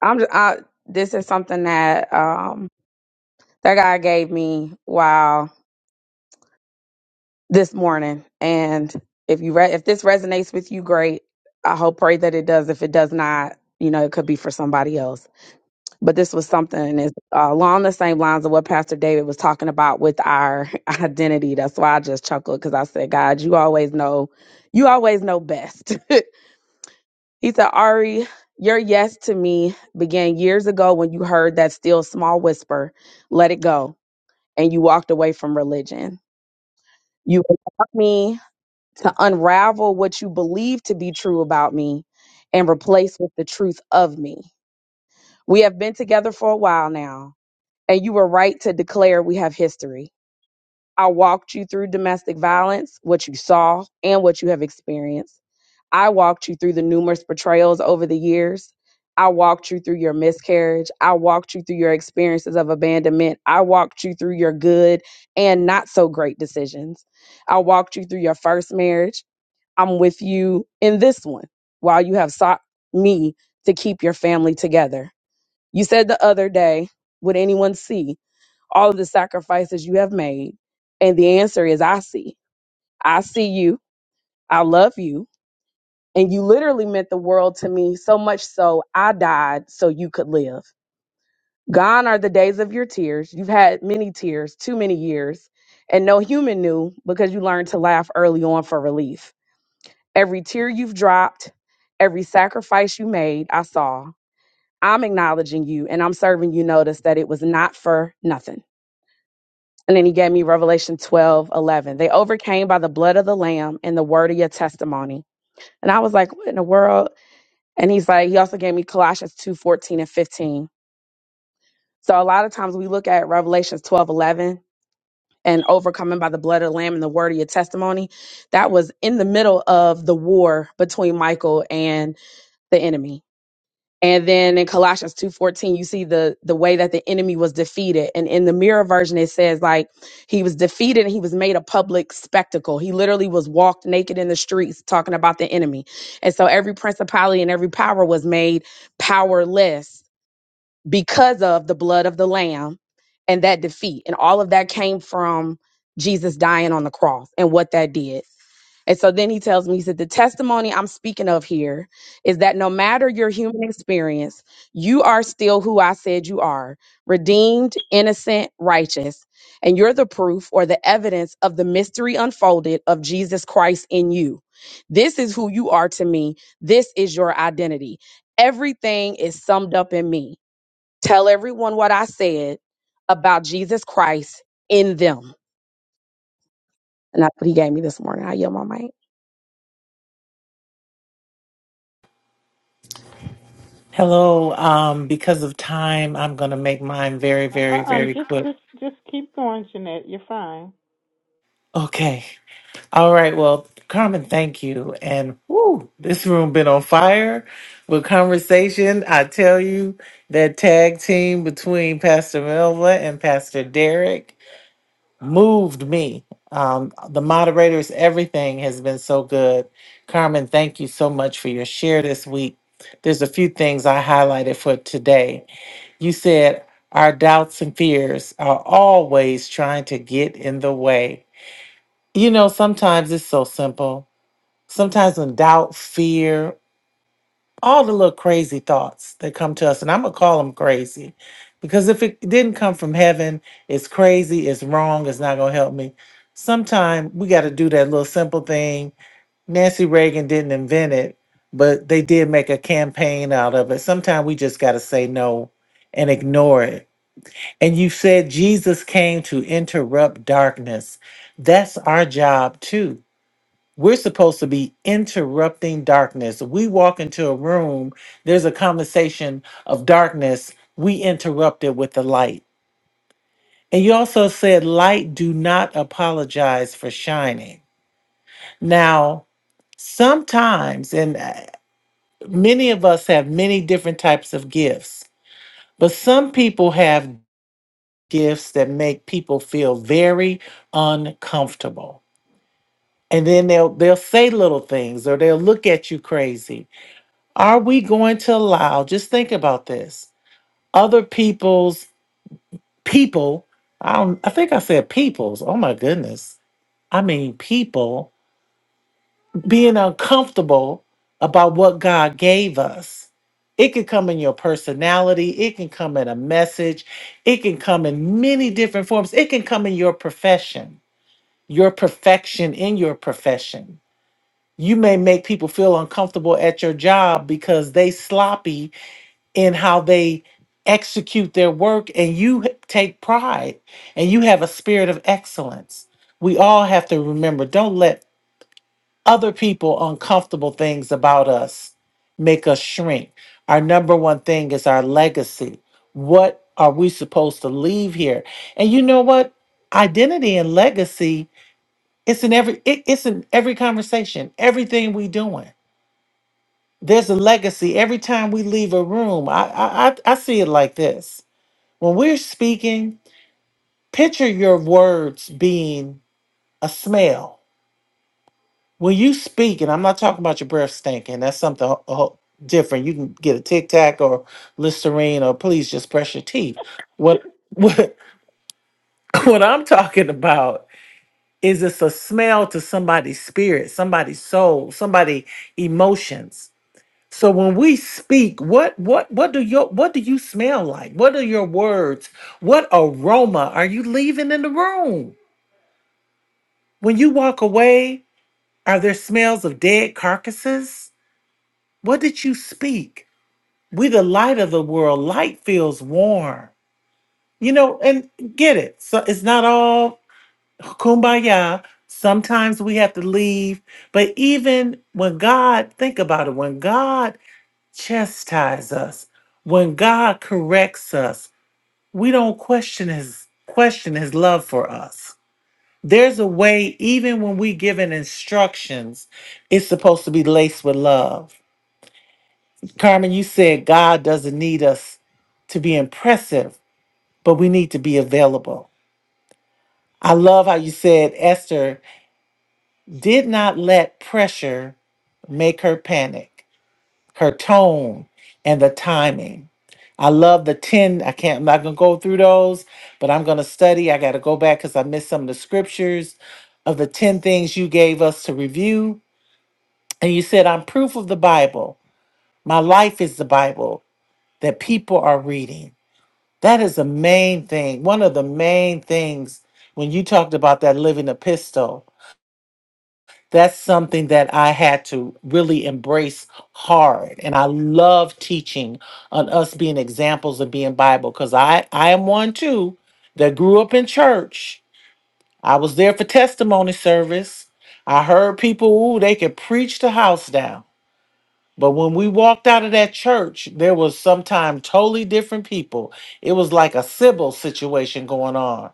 I'm. Just, I, this is something that um that God gave me while this morning, and if you re- if this resonates with you, great. I hope pray that it does. If it does not, you know, it could be for somebody else but this was something is uh, along the same lines of what Pastor David was talking about with our (laughs) identity. That's why I just chuckled because I said, God, you always know, you always know best. (laughs) he said, Ari, your yes to me began years ago when you heard that still small whisper, let it go, and you walked away from religion. You allowed me to unravel what you believed to be true about me and replace with the truth of me. We have been together for a while now and you were right to declare we have history. I walked you through domestic violence, what you saw, and what you have experienced. I walked you through the numerous betrayals over the years. I walked you through your miscarriage. I walked you through your experiences of abandonment. I walked you through your good and not so great decisions. I walked you through your first marriage. I'm with you in this one while you have sought me to keep your family together. You said the other day, would anyone see? all of the sacrifices you have made? And the answer is, I see. I see you. I love you. And you literally meant the world to me so much so I died so you could live. Gone are the days of your tears. You've had many tears, too many years. And no human knew because you learned to laugh early on for relief. Every tear you've dropped, every sacrifice you made, I saw. I'm acknowledging you and I'm serving you notice that it was not for nothing. And then he gave me Revelation 12 11. They overcame by the blood of the Lamb and the word of your testimony. And I was like, what in the world? And he's like, he also gave me Colossians 2 14 and 15. So a lot of times we look at Revelations 12 11 and overcoming by the blood of the Lamb and the word of your testimony. That was in the middle of the war between Michael and the enemy And then in Colossians 2:14, you see the the way that the enemy was defeated. And in the mirror version, it says like he was defeated and he was made a public spectacle. He literally was walked naked in the streets talking about the enemy. And so every principality and every power was made powerless because of the blood of the lamb and that defeat. And all of that came from Jesus dying on the cross and what that did. And so then he tells me, he said, The testimony I'm speaking of here is that no matter your human experience, you are still who I said you are redeemed, innocent, righteous. And you're the proof or the evidence of the mystery unfolded of Jesus Christ in you. This is who you are to me. This is your identity. Everything is summed up in me. Tell everyone what I said about Jesus Christ in them. And that's what he gave me this morning. I yell my mic.
Hello. Um, because of time, I'm going to make mine very,
Uh
very,
uh
very
just
quick.
just just keep going, Jeanette. You're fine.
Okay. All right. Well, Carmen, thank you. And whoo, this room been on fire with conversation. I tell you, that tag team between Pastor Melva and Pastor Derek moved me. Um, the moderators, everything has been so good. Carmen, thank you so much for your share this week. There's a few things I highlighted for today You said our doubts and fears are always trying to get in the way. You know, sometimes it's so simple. Sometimes when doubt, fear, all the little crazy thoughts that come to us, and I'm going to call them crazy because if it didn't come from heaven, it's crazy, it's wrong, it's not going to help me. Sometimes we got to do that little simple thing. Nancy Reagan didn't invent it, but they did make a campaign out of it. Sometimes we just got to say no and ignore it and you said Jesus came to interrupt darkness. That's our job too. We're supposed to be interrupting darkness. We walk into a room, there's a conversation of darkness. We interrupt it with the light. And you also said, light do not apologize for shining. Now, sometimes, and uh, many of us have many different types of gifts, but some people have gifts that make people feel very uncomfortable. And then they'll they'll say little things or they'll look at you crazy. Are we going to allow, just think about this, other people's people, I don't I think I said people's. Oh my goodness. I mean people being uncomfortable about what God gave us. It could come in your personality, it can come in a message, it can come in many different forms. It can come in your profession your perfection in your profession. You may make people feel uncomfortable at your job because they sloppy in how they execute their work and you h- take pride and you have a spirit of excellence. We all have to remember don't let other people uncomfortable things about us make us shrink. Our number one thing is our legacy. What are we supposed to leave here? And you know what? Identity and legacy it's in every it, it's in every conversation, everything we doing. There's a legacy every time we leave a room. I I I I see it like this. When we're speaking, picture your words being a smell. When you speak, and I'm not talking about your breath stinking. That's something ho- ho- different. You can get a Tic Tac or Listerine, or please just brush your teeth.
(laughs)
What what (laughs) what I'm talking about is it's a smell to somebody's spirit, somebody's soul, somebody emotions So when we speak, what what what do your what do you smell like? What are your words? What aroma are you leaving in the room? When you walk away, are there smells of dead carcasses? What did you speak? We the light of the world. Light feels warm. You know, and get it. So it's not all kumbaya. Sometimes we have to leave. But even when God, think about it, when God chastise us. When God corrects us, we don't question his question his love for us. There's a way even when we given instructions, it's supposed to be laced with love. Carmen, you said God doesn't need us to be impressive, but we need to be available. I love how you said Esther did not let pressure make her panic. her tone and the timing. I love the 10. I can't, I'm not going to go through those, but I'm going to study. I got to go back because I missed some of the scriptures of the 10 things you gave us to review. And you said, I'm proof of the Bible. My life is the Bible that people are reading. That is the main thing. One of the main things when you talked about that living epistle. that's something that I had to really embrace hard. And I love teaching on us being examples of being Bible because I, I am one too that grew up in church. I was there for testimony service. I heard people, ooh, they could preach the house down. But when we walked out of that church, there was sometimes totally different people. It was like a Sybil situation going on.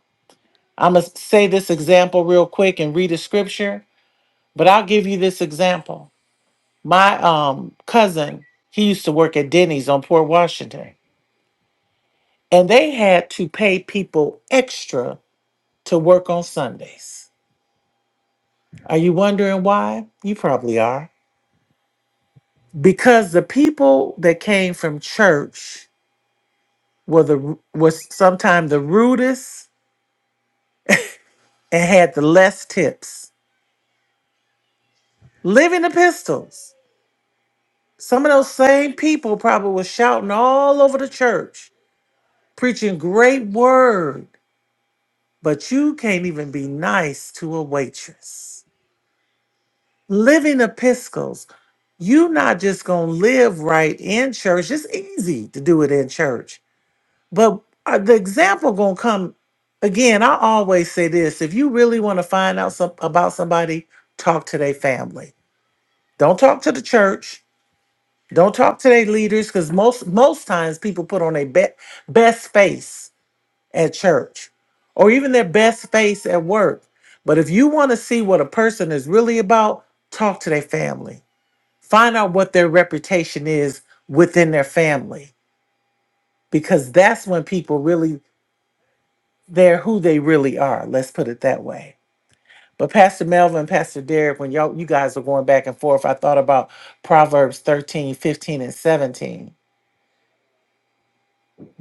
I'm going to say this example real quick and read a scripture, but I'll give you this example my um cousin, he used to work at Denny's on Port Washington, and they had to pay people extra to work on Sundays. Are you wondering why? You probably are. Because the people that came from church were the was sometimes the rudest and had the less tips. Living epistles. Some of those same people probably was shouting all over the church, preaching great word but you can't even be nice to a waitress. Living epistles, you not just gonna live right in church. It's easy to do it in church, but uh, the example gonna come again. I always say this: if you really want to find out some, about somebody, talk to their family. Don't talk to the church. Don't talk to their leaders, because most most times people put on a be- best face at church or even their best face at work. But if you want to see what a person is really about, talk to their family. Find out what their reputation is within their family because that's when people really they're who they really are. Let's put it that way. But Pastor Melvin, Pastor Derek, when y'all you guys were going back and forth, I thought about Proverbs 13, 15, and 17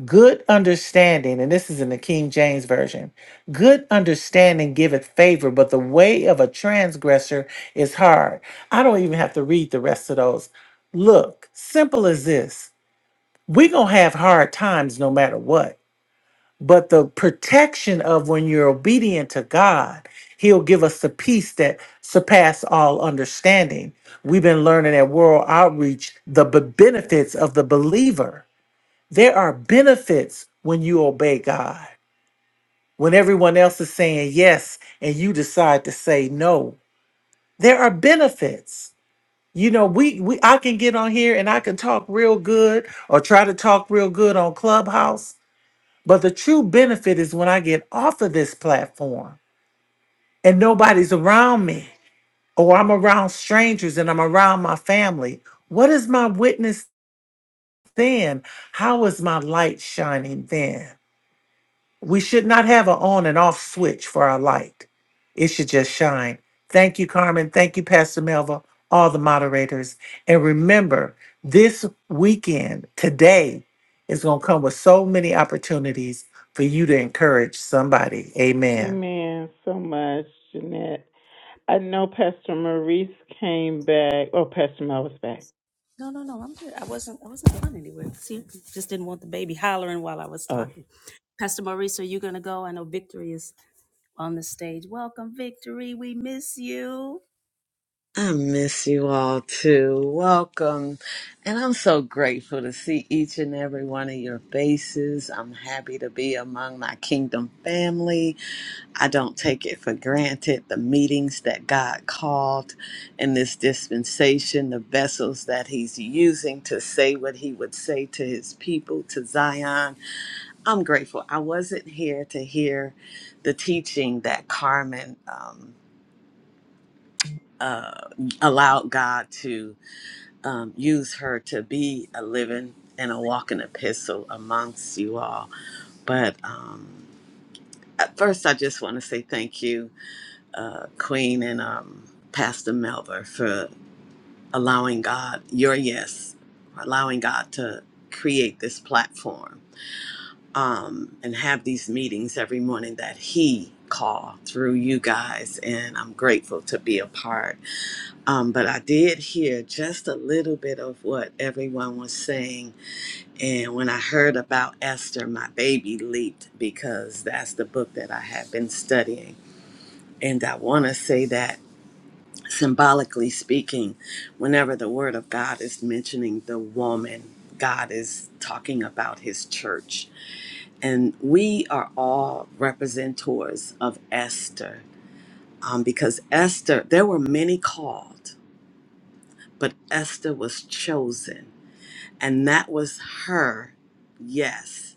Good understanding, and this is in the King James Version. Good understanding giveth favor, but the way of a transgressor is hard. I don't even have to read the rest of those. Look, simple as this we're going to have hard times no matter what. But the protection of when you're obedient to God, He'll give us the peace that surpass all understanding. We've been learning at World Outreach the b- benefits of the believer there are benefits when you obey God. When everyone else is saying yes and you decide to say no, there are benefits. You know, we, we I can get on here and I can talk real good or try to talk real good on Clubhouse, but the true benefit is when I get off of this platform and nobody's around me or I'm around strangers and I'm around my family. What is my witness then? How is my light shining then? We should not have an on and off switch for our light. It should just shine. Thank you, Carmen. Thank you, Pastor Melva, all the moderators. And remember, this weekend, today, is going to come with so many opportunities for you to encourage somebody. Amen.
Amen so much, Jeanette. I know Pastor Maurice came back. Oh, Pastor Mel was back. Oh.
I miss you all too. Welcome. And I'm so grateful to see each and every one of your faces. I'm happy to be among my kingdom family. I don't take it for granted the meetings that God called in this dispensation, the vessels that He's using to say what He would say to His people, to Zion. I'm grateful. I wasn't here to hear the teaching that Carmen. Um, uh, allowed God to um, use her to be a living and a walking epistle amongst you all. But um, at first, I just want to say thank you, uh, Queen and um, Pastor Melver, for allowing God your yes, allowing God to create this platform um, and have these meetings every morning that He called through you guys. And I'm grateful to be a part. Um, but I did hear just a little bit of what everyone was saying. And when I heard about Esther, my baby leaped because that's the book that I have been studying. And I want to say that symbolically speaking, whenever the word of God is mentioning the woman, God is talking about his church. And we are all representors of Esther um, because Esther, there were many called, but Esther was chosen And that was her, yes.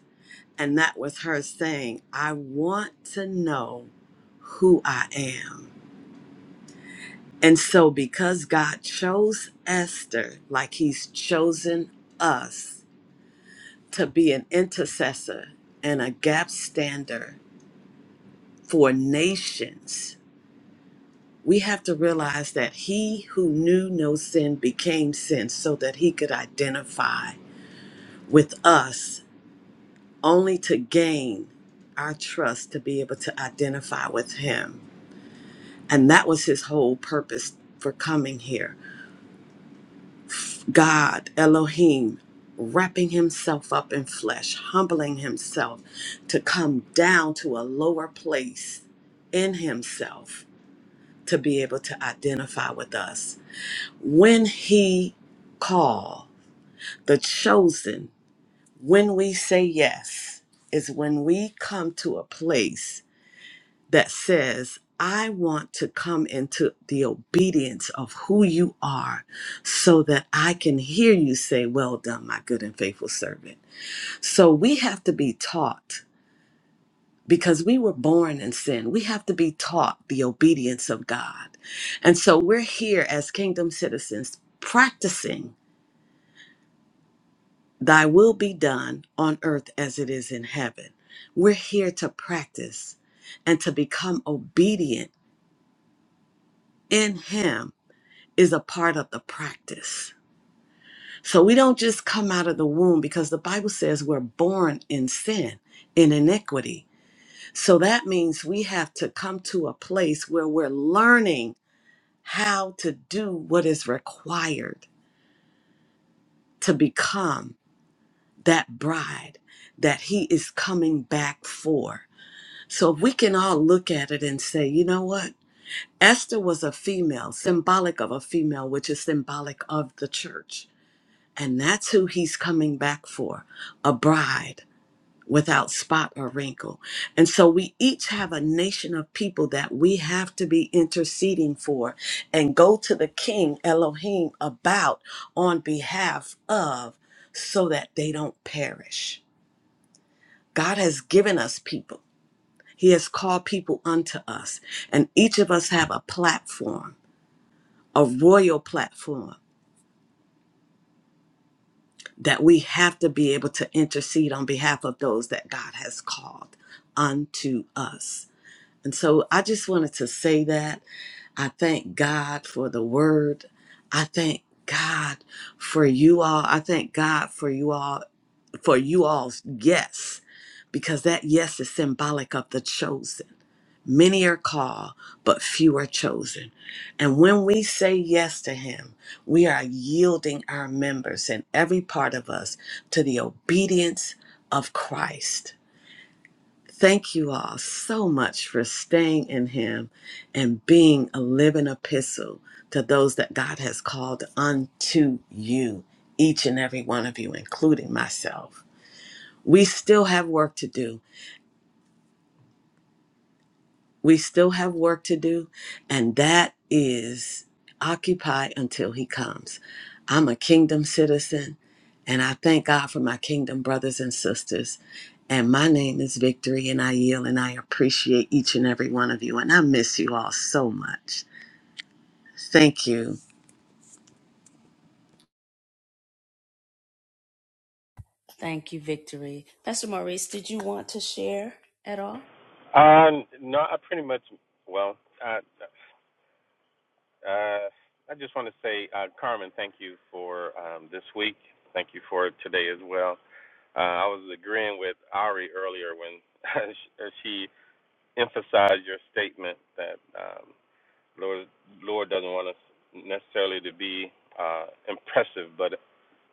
And that was her saying, I want to know who I am. And so, because God chose Esther, like He's chosen us to be an intercessor and a gap stander for nations, we have to realize that He who knew no sin became sin so that He could identify with us only to gain our trust to be able to identify with him. And that was his whole purpose for coming here. God, Elohim, wrapping himself up in flesh, humbling himself to come down to a lower place in himself to be able to identify with us. When he called the chosen, when we say yes, is when we come to a place that says, I want to come into the obedience of who you are so that I can hear you say, Well done, my good and faithful servant. So we have to be taught because we were born in sin. We have to be taught the obedience of God. And so we're here as kingdom citizens practicing thy will be done on earth as it is in heaven. We're here to practice and to become obedient in Him is a part of the practice. So we don't just come out of the womb because the Bible says we're born in sin, in iniquity. So that means we have to come to a place where we're learning how to do what is required to become that bride that he is coming back for. So if we can all look at it and say, you know what? Esther was a female, symbolic of a female, which is symbolic of the church And that's who he's coming back for a bride without spot or wrinkle. And so we each have a nation of people that we have to be interceding for and go to the King Elohim about on behalf of so that they don't perish. God has given us people. He has called people unto us, and each of us have a platform, a royal platform that we have to be able to intercede on behalf of those that God has called unto us. And so I just wanted to say that. I thank God for the word. I thank God for you all. I thank God for you all, for you all's yes because that yes is symbolic of the chosen. Many are called, but few are chosen. And when we say yes to Him, we are yielding our members and every part of us to the obedience of Christ. Thank you all so much for staying in Him and being a living epistle to those that God has called unto you, each and every one of you, including myself. We still have work to do We still have work to do, and that is occupy until he comes. I'm a kingdom citizen, and I thank God for my kingdom brothers and sisters. And my name is Victory, and I yield, and I appreciate each and every one of you, and I miss you all so much. Thank you.
Uh, no, I pretty much, well, uh, uh, I just want to say, uh, Carmen, thank you for um, this week. Thank you for today as well. Uh, I was agreeing with Ari earlier when (laughs) she emphasized your statement that um, Lord, Lord doesn't want us necessarily to be uh, impressive, but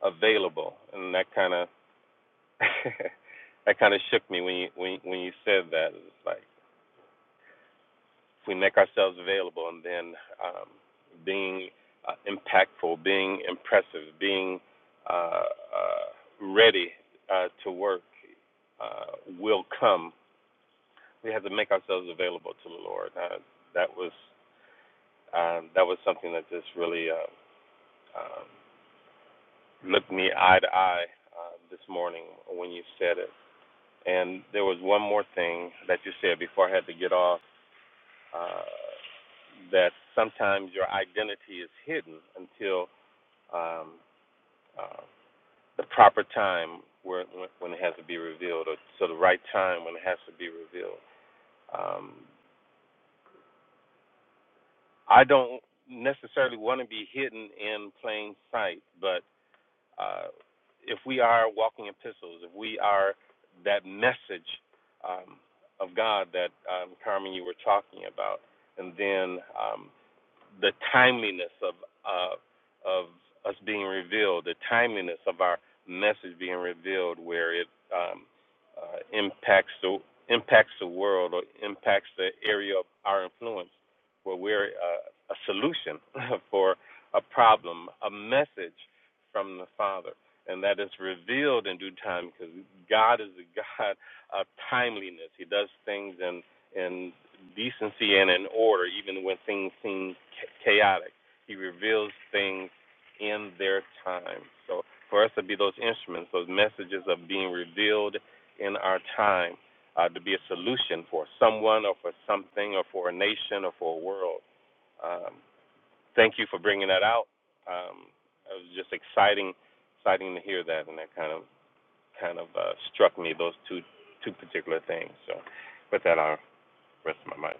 available, and that kind of (laughs) that kind of shook me when you when you- when you said that. It's like. if we make ourselves available and then um, being uh, impactful, being impressive, being uh, uh, ready uh, to work uh, will come. We have to make ourselves available to the Lord. Uh, that was um, that was something that just really uh, um, looked me eye to eye uh, this morning when you said it. And there was one more thing that you said before I had to get off uh, that sometimes your identity is hidden until um, uh, the proper time where when, it has to be revealed, or so the right time when it has to be revealed. Um, I don't necessarily want to be hidden in plain sight, but uh, if we are walking epistles, if we are that message um, of God that um, Carmen you were talking about, and then um, the timeliness of uh, of us being revealed, the timeliness of our message being revealed, where it um, uh, impacts the impacts the world or impacts the area of our influence, where we're uh, a solution (laughs) for a problem, a message from the Father, and that is revealed in due time because God is a (laughs) God of timeliness. He does things in in decency and in order, even when things seem cha- chaotic. He reveals things in their time. So for us to be those instruments, those messages of being revealed in our time, uh, to be a solution for someone or for something or for a nation or for a world. Um, thank you for bringing that out. Um, it was just exciting, exciting to hear that, and that kind of kind of uh, struck me those two two particular things. So with that, I'll rest my mind.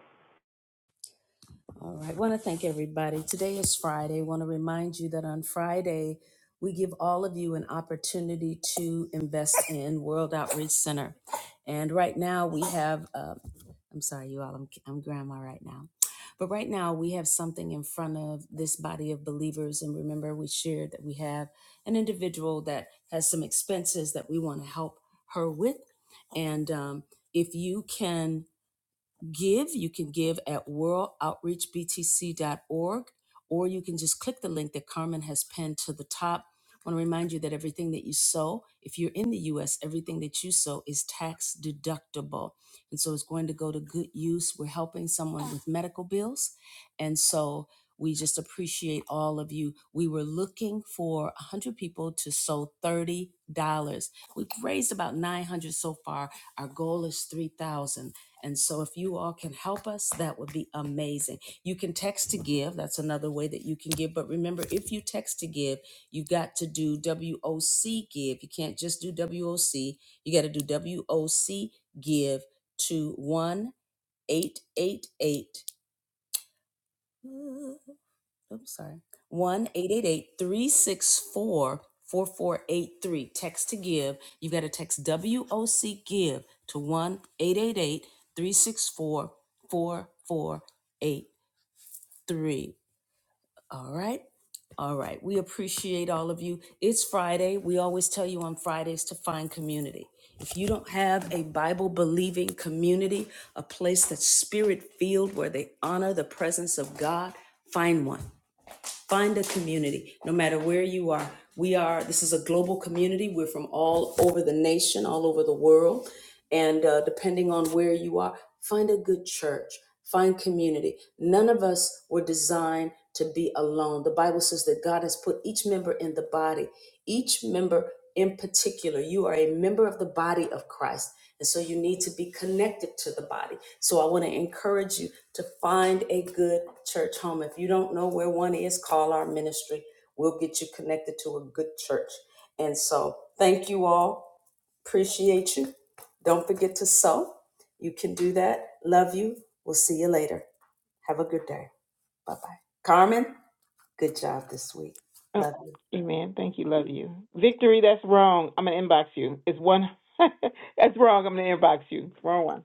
oh. Amen. Thank you. Love you. Victory, that's wrong. I'm gonna inbox you. It's one (laughs) that's wrong. I'm gonna inbox you. It's Wrong one.